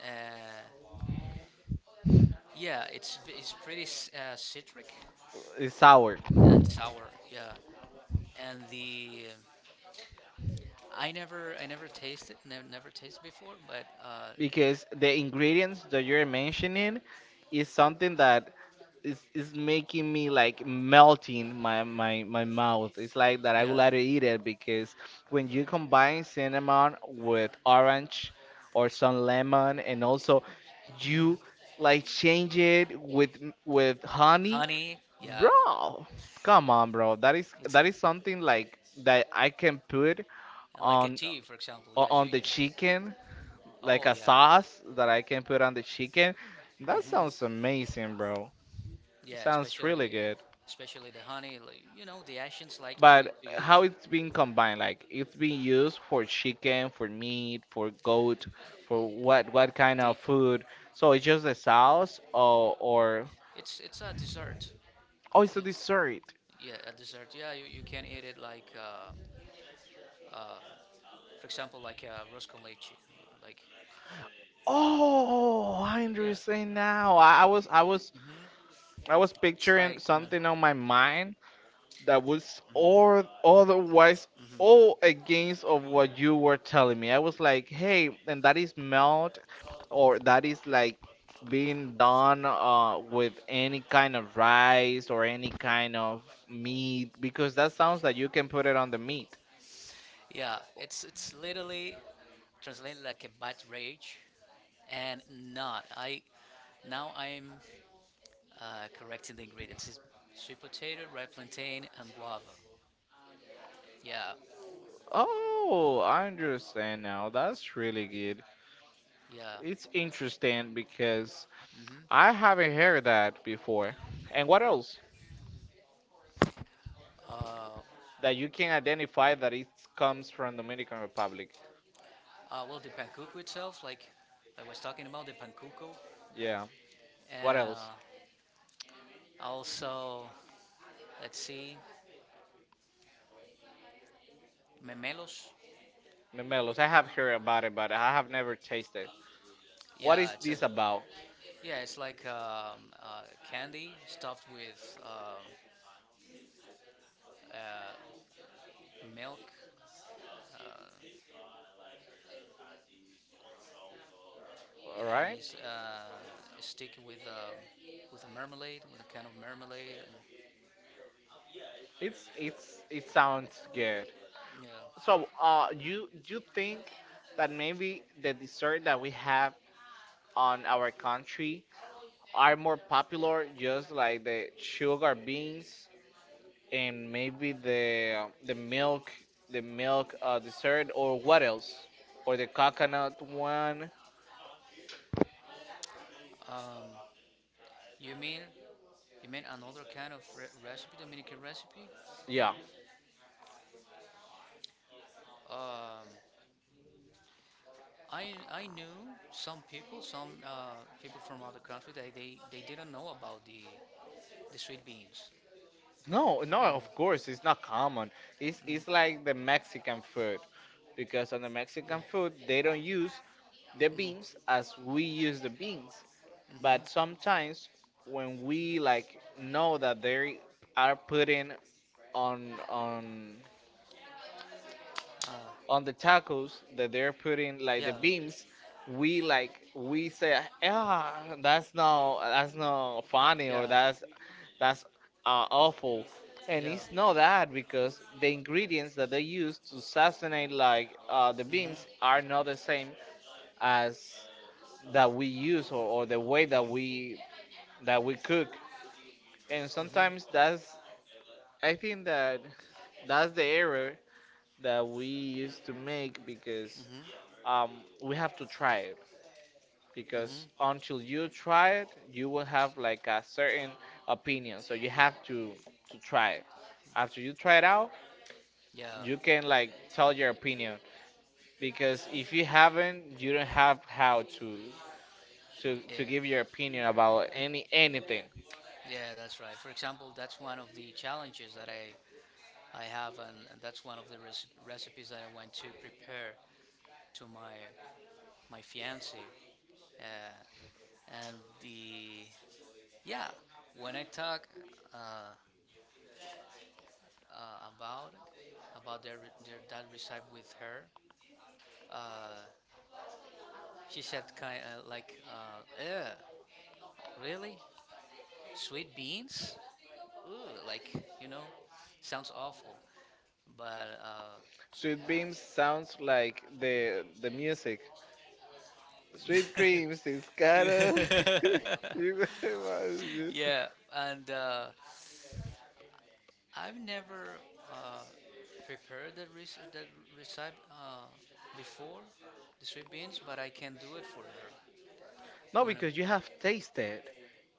A: Uh, yeah, it's v- it's pretty c- uh, citric
B: It's sour
A: and sour. Yeah, and the I never I never tasted never never tasted before, but uh,
B: because the ingredients that you're mentioning is something that it's it's making me like melting my my my mouth. It's like that I would
A: yeah,
B: like to eat it because when you combine cinnamon with orange or some lemon and also you like change it with with honey,
A: honey. Yeah,
B: bro. Come on, bro. That is
A: It's a,
B: that is something like that I can put
A: like a
B: on
A: tea, for example.
B: o-
A: Yes, you.
B: on
A: You-
B: the chicken, like
A: Oh
B: a
A: yeah,
B: sauce that I can put on the chicken. That sounds
A: Mhm.
B: amazing, bro.
A: yeah.
B: Sounds really
A: Especially,
B: good.
A: especially the honey. Like you know, the Asians like to,
B: But
A: to use
B: how it's being combined, like it's being used for chicken, for meat, for goat, for what what kind of
A: the.
B: food? So it's just a sauce or or
A: It's it's a dessert.
B: oh, it's
A: It
B: a
A: is-
B: dessert.
A: yeah, a dessert. Yeah, you, you can eat it like uh, uh, for example, like uh, rose con leche. Like
B: Oh, I understand now. I, I was I was
A: Mhm.
B: I was
A: it's
B: picturing
A: like uh,
B: something on my mind that was,
A: Mhm.
B: or otherwise,
A: Mhm.
B: all against of what you were telling me. I was like, hey, and that is melt or that is like being done uh, with any kind of rice or any kind of meat because that sounds like you can put it on the meat.
A: yeah, it's it's literally translated like a bad rage, and not. I now I'm uh, correcting the ingredients. It's sweet potato, red plantain, and guava. Yeah,
B: Oh, I understand now. That's really good.
A: yeah.
B: It's interesting because
A: hmm
B: I haven't heard that before. And what else
A: Uh,
B: that you can identify that it comes from Dominican Republic?
A: uh, well, the pankuku itself, like I was talking about, the pankuku.
B: Yeah. What else?
A: Uh, also, let's see, memelos.
B: Memelos. I have heard about it, but I have never tasted. What
A: Yeah,
B: is
A: it's a,
B: this about?
A: yeah, it's like um, uh, candy stuffed with um, uh, milk, uh,
B: All
A: and
B: right.
A: it's uh, sticky with um, with a marmalade, with a kind of marmalade, and
B: It's it's it sounds good.
A: yeah.
B: So, uh, you you think that maybe the dessert that we have on our country are more popular, just like the sugar beans and maybe the the milk, the milk uh, dessert, or what else, or the coconut one?
A: Um, you mean You mean another kind of re- recipe, Dominican recipe?
B: Yeah
A: Um, I I knew some people, some uh, people from other country, that they they didn't know about the the sweet beans.
B: No, no, of
A: No.
B: course it's not common. It's it's like the Mexican food, because on the Mexican food they don't use the beans
A: Mm-hmm.
B: as we use the beans. But
A: Mm-hmm.
B: sometimes, when we like know that they are putting on on
A: Uh,
B: on the tacos, that they're putting like the
A: yeah.
B: beams, we like we say, ah, that's not, that's not funny, or
A: Yeah.
B: that's that's uh, awful. And
A: Yeah.
B: it's not that, because the ingredients that they use to sazonate, like uh, the
A: Mm-hmm.
B: beams, are not the same as that we use, or, or the way that we that we cook. And
A: Mm-hmm.
B: sometimes that's I think that that's the error that we used to make, because
A: Mm-hmm.
B: um, we have to try it, because
A: Mm-hmm.
B: until you try it, you will have like a certain opinion. So you have to to try it. After you try it out,
A: Yeah,
B: you can like tell your opinion, because if you haven't, you don't have how to to
A: yeah,
B: to give your opinion about any anything.
A: yeah, that's right. For example, that's one of the challenges that I I have, and, and that's one of the reci- recipes that I went to prepare to my my fiance. Uh, and the, yeah, when I talk uh, uh, about it, about their, their that recipe with her, uh, she said kind of like, uh, "Eh, really? Sweet beans? Ooh, like, you know, sounds awful." But uh,
B: Sweet Dreams sounds like the the music. Sweet Dreams is kind of.
A: yeah. And uh, I've never uh, prepared that res- that recipe uh, before, the sweet beans, but I can do it for her.
B: No,
A: When I'm,
B: because you have tasted.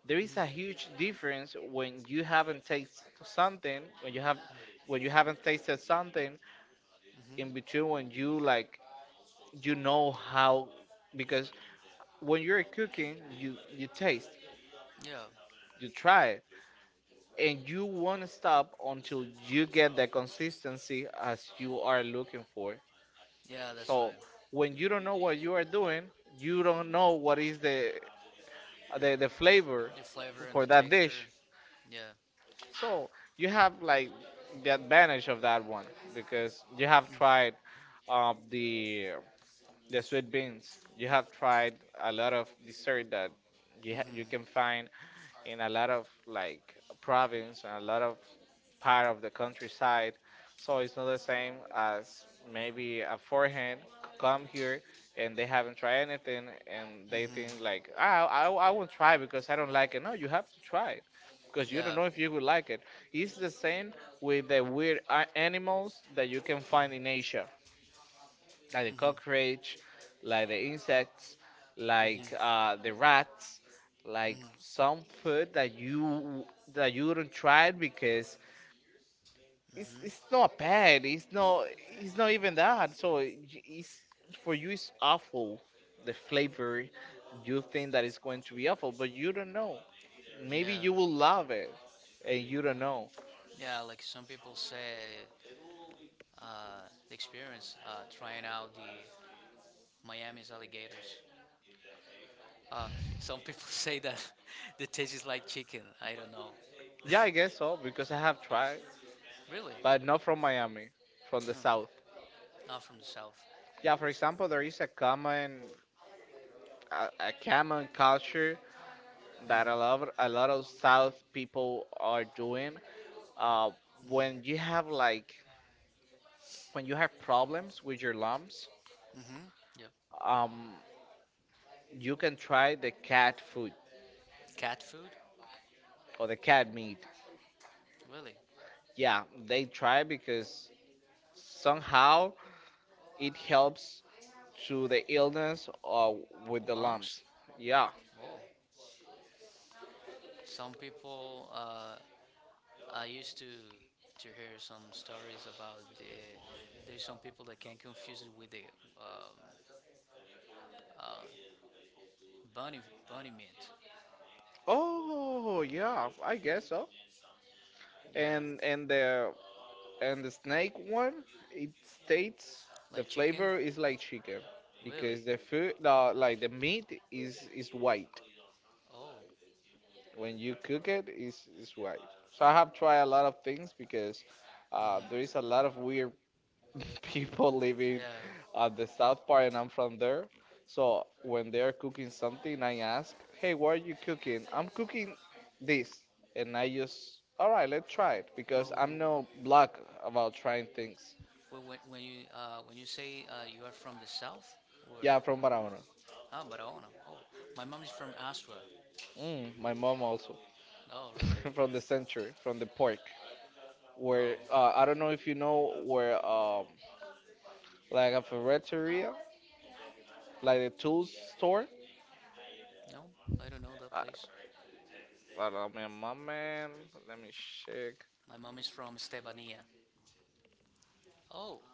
B: There is a huge difference when you haven't tasted something, when you have, when you haven't tasted something in between, when you like, you know how, because when you're cooking you you taste,
A: yeah,
B: you try it, and you won't stop until you get the consistency as you are looking for.
A: yeah, that's
B: So
A: right.
B: when you don't know what you are doing, you don't know what is the the, the flavor
A: The flavor and the
B: for that
A: texture.
B: dish.
A: Yeah.
B: So you have like the advantage of that one, because you have tried um, the the sweet beans. You have tried a lot of dessert that you ha you
A: Mhm.
B: can find in a lot of like province and a lot of part of the countryside. So it's not the same as maybe a forehand c- come here, and they haven't tried anything, and they
A: Mhm.
B: think like, ah, I, I won't try because I don't like it. No, you have to try it, because you don't
A: Yeah.
B: know if you will like it. It's the same with the weird a- animals that you can find in Asia, like the
A: Mhm.
B: cockroach, like the insects, like
A: Mhm.
B: uh, the rats, like
A: Mhm.
B: some food that you that you do not try it, because it's it's
A: Mhm.
B: not bad. It's not it's not even that. So it- it's for you it's awful. The flavor, you think that it's going to be awful, but you don't know. Maybe
A: Yeah.
B: you will love it, and you don't know.
A: Yeah. Like some people say, uh, the experience uh, trying out the Miami's alligators. Uh, some people say that the taste is like chicken. I don't know.
B: Yeah, I guess so because I have tried,
A: Really?
B: but not from Miami, from the
A: No.
B: south.
A: Oh, from the south.
B: Yeah, for example, there is a common a, a common culture that a lot of, a lot of South people are doing. Uh, when you have like, when you have problems with your lumps,
A: Mm-hmm. Yep.
B: um, you can try the cat food
A: Cat food?
B: or the cat meat.
A: Really?
B: Yeah, they try because somehow it helps to the illness or with the
A: Lungs?
B: lumps. Yeah.
A: Oh. Some people, uh, I used to to hear some stories about the, there's some people that can confuse it with the um, uh, bunny bunny meat.
B: Oh, yeah, I guess so.
A: Yeah,
B: And and the, And the snake one, it states the
A: like chicken.
B: flavor is like chicken,
A: Really?
B: because the food, the, like the meat is is white.
A: Oh.
B: When you cook it, is is white. So I have tried a lot of things, because uh, there
A: Hmm.
B: is a lot of weird people living
A: Yeah.
B: at the south part, and I'm from there. So when they are cooking something, I ask, "Hey, what are you cooking?" I'm cooking this, and I just, all right, let's try it because
A: Well,
B: I'm
A: w-
B: no block about trying things.
A: w- when when you uh, when you say uh, you are from the south, or uh,
B: Yeah, from Barahona.
A: ah, but I don't know. Oh, my mom is from Aswa.
B: Mm, my mom also.
A: Oh, really?
B: From the center, from the park.
A: Oh,
B: Where, uh, I don't know if you know where, um, like a ferreteria, like a tools store.
A: no, I don't know that
B: I,
A: place.
B: I don't know, my man, let me check.
A: My mom is from Estebania. Oh,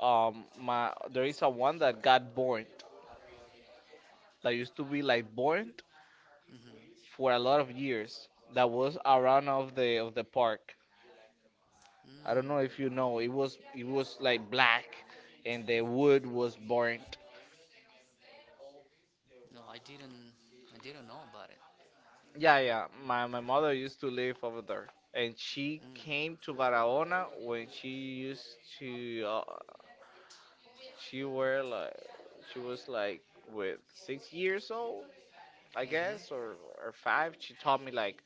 B: Um, my, there is a one that got burned, that used to be like burned
A: hmm.
B: for a lot of years. That was around of the of the park. I don't know
A: Mm,
B: if you know, it was it was like black and the wood was burnt.
A: no, I didn't. I didn't know about it.
B: Yeah, yeah. My my mother used to live over there, and she
A: Mm,
B: came to Barahona when she used to. Uh, she were like, she was like with six years old, I guess,
A: hmm,
B: or or five. She told me like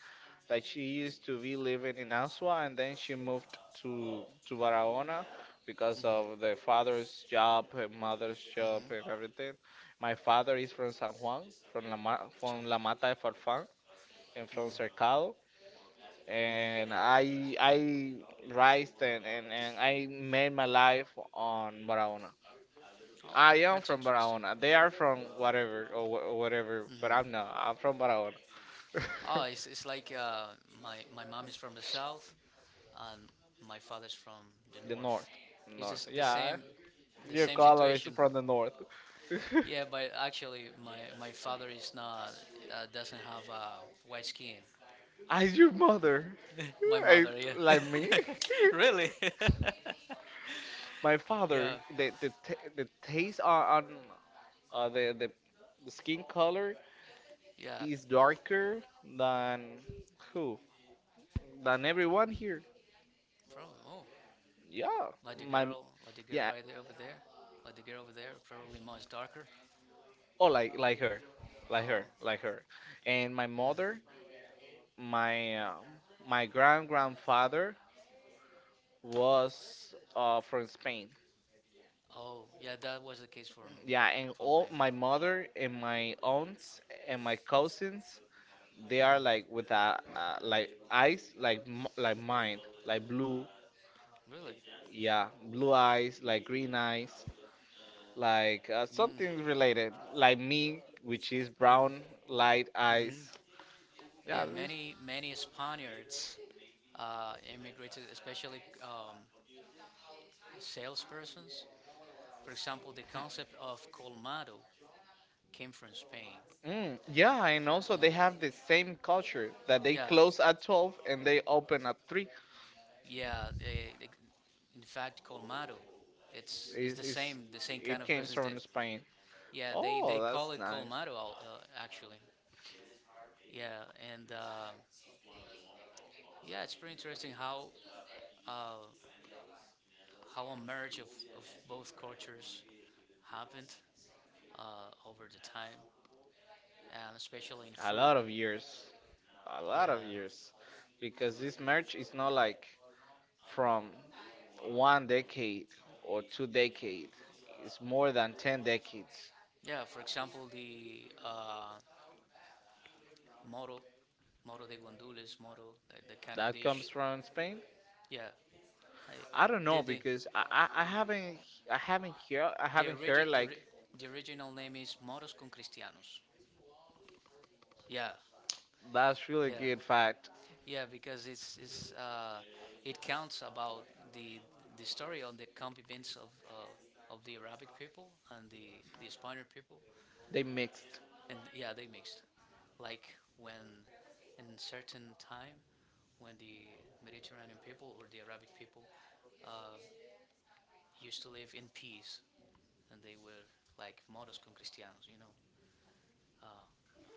B: that she used to be living in Asua, and then she moved to to Barahona, because of
A: hmm,
B: the father's job and mother's job
A: hmm.
B: and everything. My father is from San Juan, from La Ma- from La
A: Chawan.
B: Mata de Farfán, and from
A: Hmm.
B: Cercado. And I I raised, and, and, and I made my life on Barahona.
A: Oh,
B: I am
A: that's
B: from
A: interesting.
B: Barahona. They are from whatever, or, wh- or whatever, but I'm
A: Hmm.
B: not. I'm from Barahona,
A: Oh, it's, it's like uh, my my mom is from the south, and my father's from the
B: the north,
A: north. It's
B: north.
A: just the
B: Yeah,
A: same, the
B: your
A: same
B: color is
A: situation.
B: from the north.
A: Yeah, but actually, my my father is not uh, doesn't have uh, white skin.
B: As your mother,
A: My
B: I,
A: mother, yeah.
B: like me.
A: Really?
B: My father,
A: Yeah,
B: the the, t- the taste on, on uh, the, the the skin color
A: yeah.
B: is darker than who? Than everyone here.
A: Probably. Oh,
B: Yeah,
A: like the
B: my
A: girl, like the girl
B: yeah.
A: right there over there, like the girl over there. Probably much darker.
B: Oh, like like her, like her,
A: Oh,
B: like her. And my
A: yeah.
B: mother, my uh, my grand grandfather was uh, from Spain.
A: Oh, yeah. That was the case for m-
B: Yeah, and
A: for my.
B: all my mother and my aunts and my cousins, they are
A: Hmm.
B: like with a, uh, like eyes like m- like mine, like blue.
A: Really?
B: Yeah, blue eyes, like green eyes. Like uh,
A: Mm.
B: something related, like me, which is brown, light
A: Hmm.
B: eyes. Yeah,
A: Yeah.
B: there is.
A: Many many Spaniards uh, immigrated, especially um, salespersons. For example, the concept of colmado came from Spain.
B: Mm, yeah, and also they have the same culture that they
A: Yeah,
B: close at twelve and they open at three.
A: yeah, yeah. Eh, in fact, Colmado. It's it's
B: Is
A: the
B: is
A: same, the same kind
B: it
A: of
B: came
A: business that
B: from Spain?
A: yeah, they they
B: Oh, that's
A: call it
B: nice.
A: Colmado al- uh, actually. Yeah, and uh, yeah, it's pretty interesting how uh, how a merge of, of both cultures happened uh, over the time, and especially in
B: A lot
A: food.
B: of years, a
A: Yeah,
B: lot of years, because this merch is not like from one decade or two decade. It's more than ten decades.
A: yeah, for example, the uh, moro, moro de guandules, moro, that, that kind of
B: That
A: dish.
B: comes from Spain.
A: Yeah, I,
B: I don't
A: the
B: know
A: the
B: because I, I, I haven't, I haven't hear, I
A: the,
B: haven't heard
A: origi- the,
B: like,
A: ori- the original name is moros con cristianos. Yeah,
B: that's really
A: yeah,
B: good fact.
A: yeah. Because it's it's uh, it counts about the the story on the convivence of uh, of the Arabic people and the the Spaniard people,
B: They mixed.
A: and yeah, they mixed. Like when in certain time, when the Mediterranean people or the Arabic people uh, used to live in peace, and they were like moros con cristianos, you know, uh,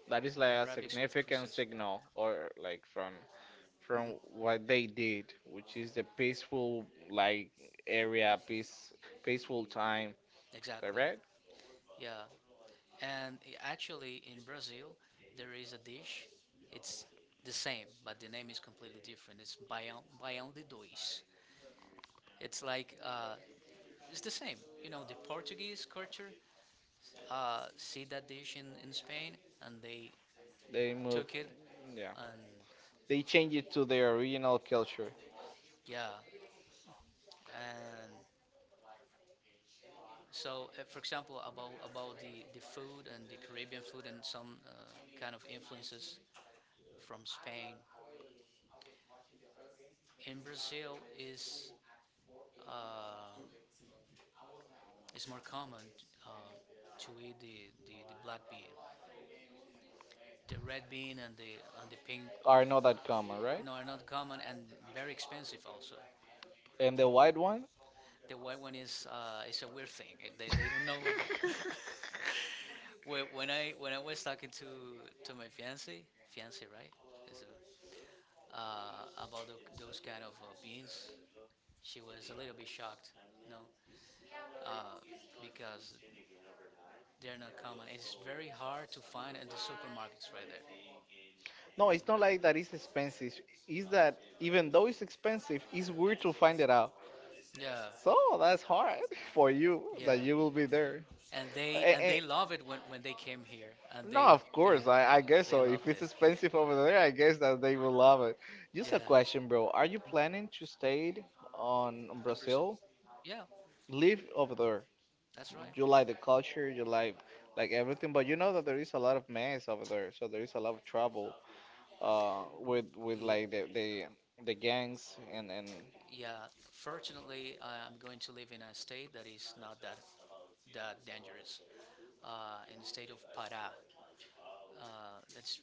B: That is like a
A: Arabics with
B: significant
A: Christians.
B: signal or like from
A: Hmm.
B: from what they did, which is the peaceful like area peace peaceful time.
A: Exactly.
B: Correct.
A: Yeah. And i- actually, in Brazil, there is a dish. It's the same, but the name is completely different. It's baião, baião de dois. It's like, uh, it's the same. You know, the Portuguese culture uh, see that dish in, in Spain, and they
B: They moved.
A: took it,
B: Yeah,
A: and
B: they changed it to their original culture.
A: yeah, and so uh, for example, about about the the food and the Caribbean food and some uh, kind of influences from Spain in Brazil is. Uh, It's more common uh, to eat the, the, the black bean. The red bean and the and the pink,
B: Are not that common, right?
A: no, are not common, and very expensive also.
B: And the white one.
A: The white one is uh, is a weird thing. They, they don't know it. When when I when I was talking to to my fiance fiance right, Is it- uh, about tho- those kind of uh, beans, she was a little bit shocked. You know. Uh, because they're not common. It's very hard to find in the supermarkets right there.
B: No, it's not like that it's expensive. It's that, even though it's expensive, it's weird to find it out.
A: Yeah,
B: So that's hard for you that
A: yeah.
B: you will be there.
A: And they
B: A-
A: and
B: a-
A: they love it when when they came here, and
B: no,
A: they
B: of
A: they
B: course, I, I guess
A: they
B: so. If
A: loved it.
B: it's expensive over there, I guess that they will love it. Just
A: Yeah,
B: a question, bro. Are you planning to stay on
A: I'm pretty sure.
B: Brazil?
A: Yeah,
B: Live over there.
A: that's right.
B: You like the culture, you like like everything, but you know that there is a lot of mess over there, so there is a lot of trouble uh with with
A: Ye-
B: like the the the gangs, and and
A: Yeah, fortunately, I- I'm going to live in a state that is not that that dangerous. Uh, in the state of Pará, uh, that's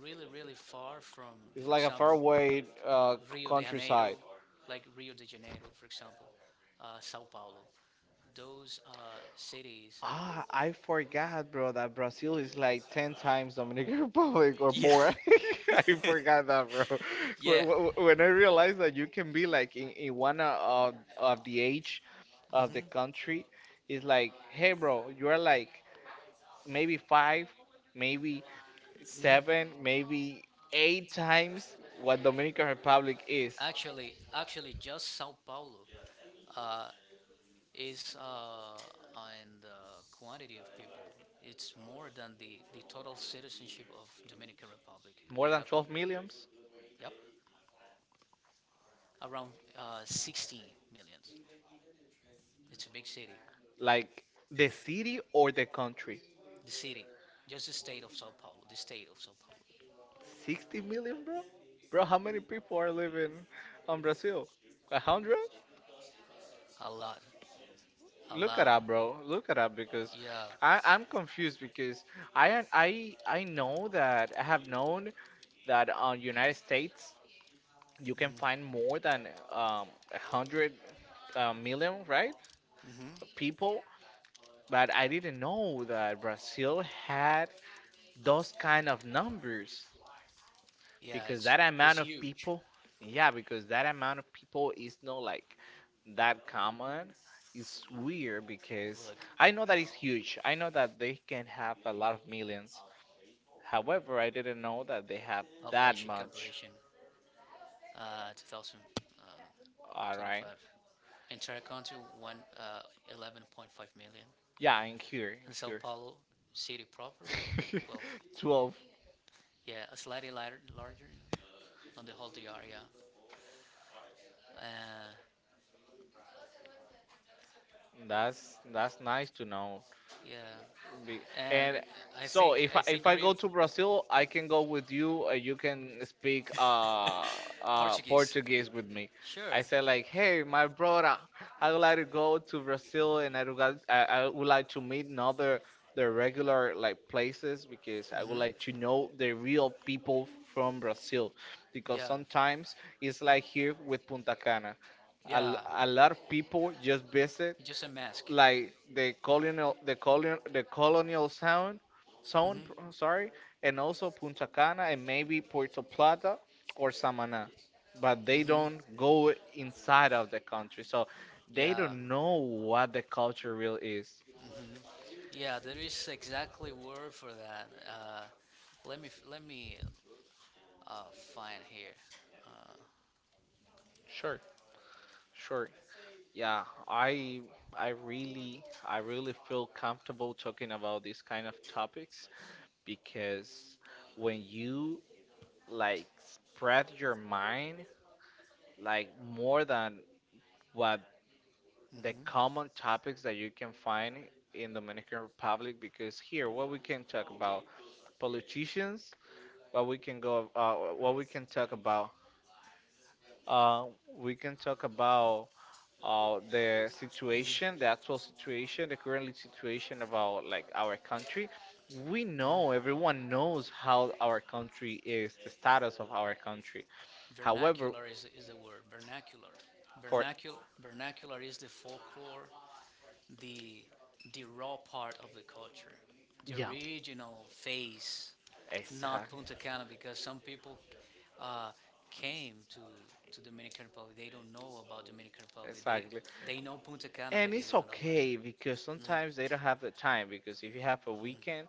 A: really really far from,
B: it's
A: for
B: like a
A: example,
B: faraway uh,
A: Rio de
B: countryside.
A: Janeiro, like Rio de Janeiro, for example, uh, Sao Paulo. Those uh, cities.
B: Ah, I forgot, bro, that Brazil is like ten times Dominican Republic or
A: Yeah,
B: more. I forgot that, bro.
A: yeah.
B: When, when when I realized that you can be like in, in one of, of the age of the country, it's like, hey, bro, you're like maybe five, maybe seven, maybe eight times what Dominican Republic is.
A: Actually, actually, just Sao Paulo uh, is uh, in the quantity of people. It's more than the, the total citizenship of Dominican Republic. They
B: More than
A: have,
B: twelve millions?
A: yep, around uh, sixteen millions. It's a big city.
B: Like the city or the country?
A: The city, just the state of Sao Paulo, the state of Sao Paulo.
B: sixty million, bro? Bro, how many people are living on Brazil? A 100?
A: A lot, a
B: Look at
A: lot.
B: that, bro. Look at that, because
A: Yeah,
B: I, I'm confused, because I I I know that I have known that on United States you can find
A: mm-hmm.
B: more than um, a hundred uh, million, right?
A: Mm-hmm.
B: People, but I didn't know that Brazil had those kind of numbers.
A: Yeah.
B: Because
A: It's
B: that amount
A: it's
B: of
A: huge.
B: people, yeah, because that amount of people is not like that common. It's weird because
A: Look,
B: I know that it's huge, I know that they can have a lot of millions, however I didn't know that they have that
A: population
B: much.
A: comparison. Uh, two thousand twenty-five.
B: All right.
A: Entire country, one uh, eleven point five million.
B: Yeah, in here in
A: And Sao
B: here,
A: Paulo city proper, well,
B: twelve.
A: yeah, a slightly lighter, larger, you know, on the whole D R, yeah. Uh,
B: that's that's nice to know.
A: yeah,
B: Be-
A: and
B: And
A: I
B: so
A: think
B: if I,
A: I
B: if
A: think
B: I
A: Rio.
B: go to Brazil, I can go with you. Uh, you can speak uh, uh,
A: Portuguese.
B: Portuguese with me.
A: Sure.
B: I said like, hey, my brother, I would like to go to Brazil, and I would, like, I, I would like to meet another, the regular like places, because I would like
A: Hmm.
B: to know the real people from Brazil, because
A: Yeah.
B: sometimes it's like here with Punta Cana, a, l-
A: Yeah.
B: a lot of people just visit
A: It's just a mask.
B: like the colonial, the colonial the colonial sound zone,
A: Hmm.
B: sorry, and also Punta Cana and maybe Puerto Plata or Samaná, but they
A: Hmm.
B: don't go inside of the country, so they
A: Yeah.
B: don't know what the culture really is.
A: Hmm. Yeah. There is exactly word for that. Uh, let me let me uh, find here. Uh,
B: Sure. Sure, yeah, I I really, I really feel comfortable talking about these kind of topics, because when you like spread your mind like more than what the
A: mhm.
B: common topics that you can find in Dominican Republic, because here what we can talk about politicians, what we can go, uh, what we can talk about, uh, we can talk about uh, the situation, the actual situation, the currently situation about like our country. We know, everyone knows how our country is, the status of our country. However,
A: Vernacular is, is a word. Vernacular,
B: for,
A: vernacular, vernacular is the folklore, the the raw part of the culture, the
B: yeah,
A: original face. Not
B: exactly,
A: Punta Cana, because some people uh, came to to Dominican Republic. They don't know about Dominican Republic. they
B: exactly.
A: they know Punta Cana,
B: And
A: but they
B: it's
A: don't know it.
B: okay because sometimes they don't have the time. Because if you have a weekend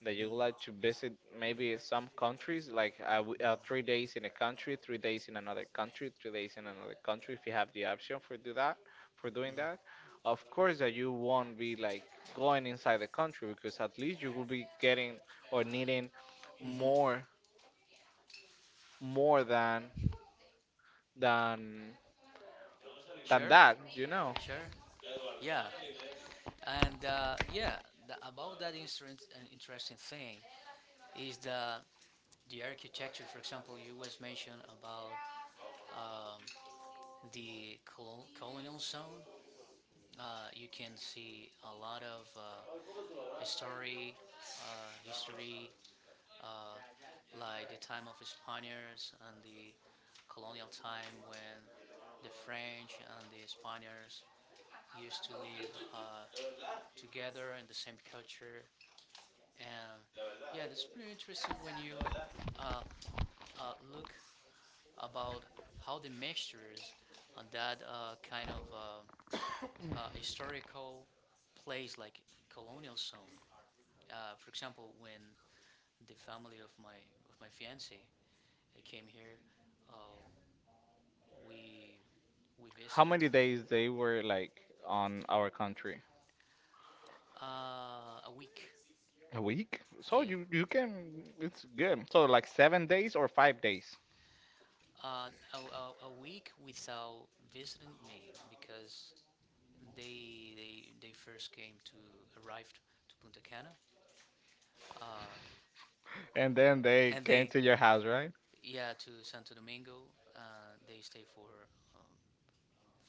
B: that you would like to visit, maybe some countries, like uh, w- uh, three days in a country, three days in another country, three days in another country, if you have the option for do that, for doing that, of course that you won't be like going inside the country, because at least you will be getting or needing
A: Hmm.
B: more, more than than than
A: Sure.
B: that. You know,
A: Sure. Yeah. And uh, yeah, the, about that inter- interesting thing is that the architecture, for example, you was mentioned about um, the colo- colonial zone. Uh, you can see a lot of uh, history, uh, history uh, like the time of the Spaniards and the colonial time when the French and the Spaniards used to live uh, together in the same culture. And yeah, that's pretty interesting when you uh, uh, look about how the mixtures on that uh, kind of uh, uh, historical place like colonial zone. Uh, for example, when the family of my of my fiance uh, came here, uh, we we
B: how
A: visited
B: many days they were like on our country?
A: uh, a week.
B: A week? So
A: Yeah,
B: you you can, it's good. So like seven days or five days,
A: uh, a, a, a week without visiting me, because they they they first came to arrived to Punta Cana, uh,
B: and then they
A: and
B: came
A: they,
B: to your house, right?
A: yeah, to Santo Domingo. Uh, they stay for um,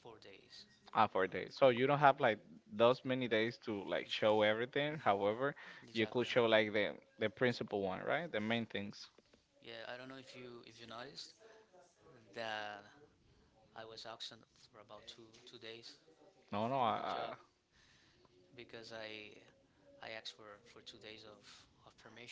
A: four days.
B: Ah, four days. So you don't have like those many days to like show everything. However, you could
A: Exactly.
B: show like the the principal one, right? The main things.
A: Yeah, I don't know if you if you noticed that I was absent for about two two days
B: No, no,
A: on a
B: I,
A: job, because I I asked for for two days of of permission.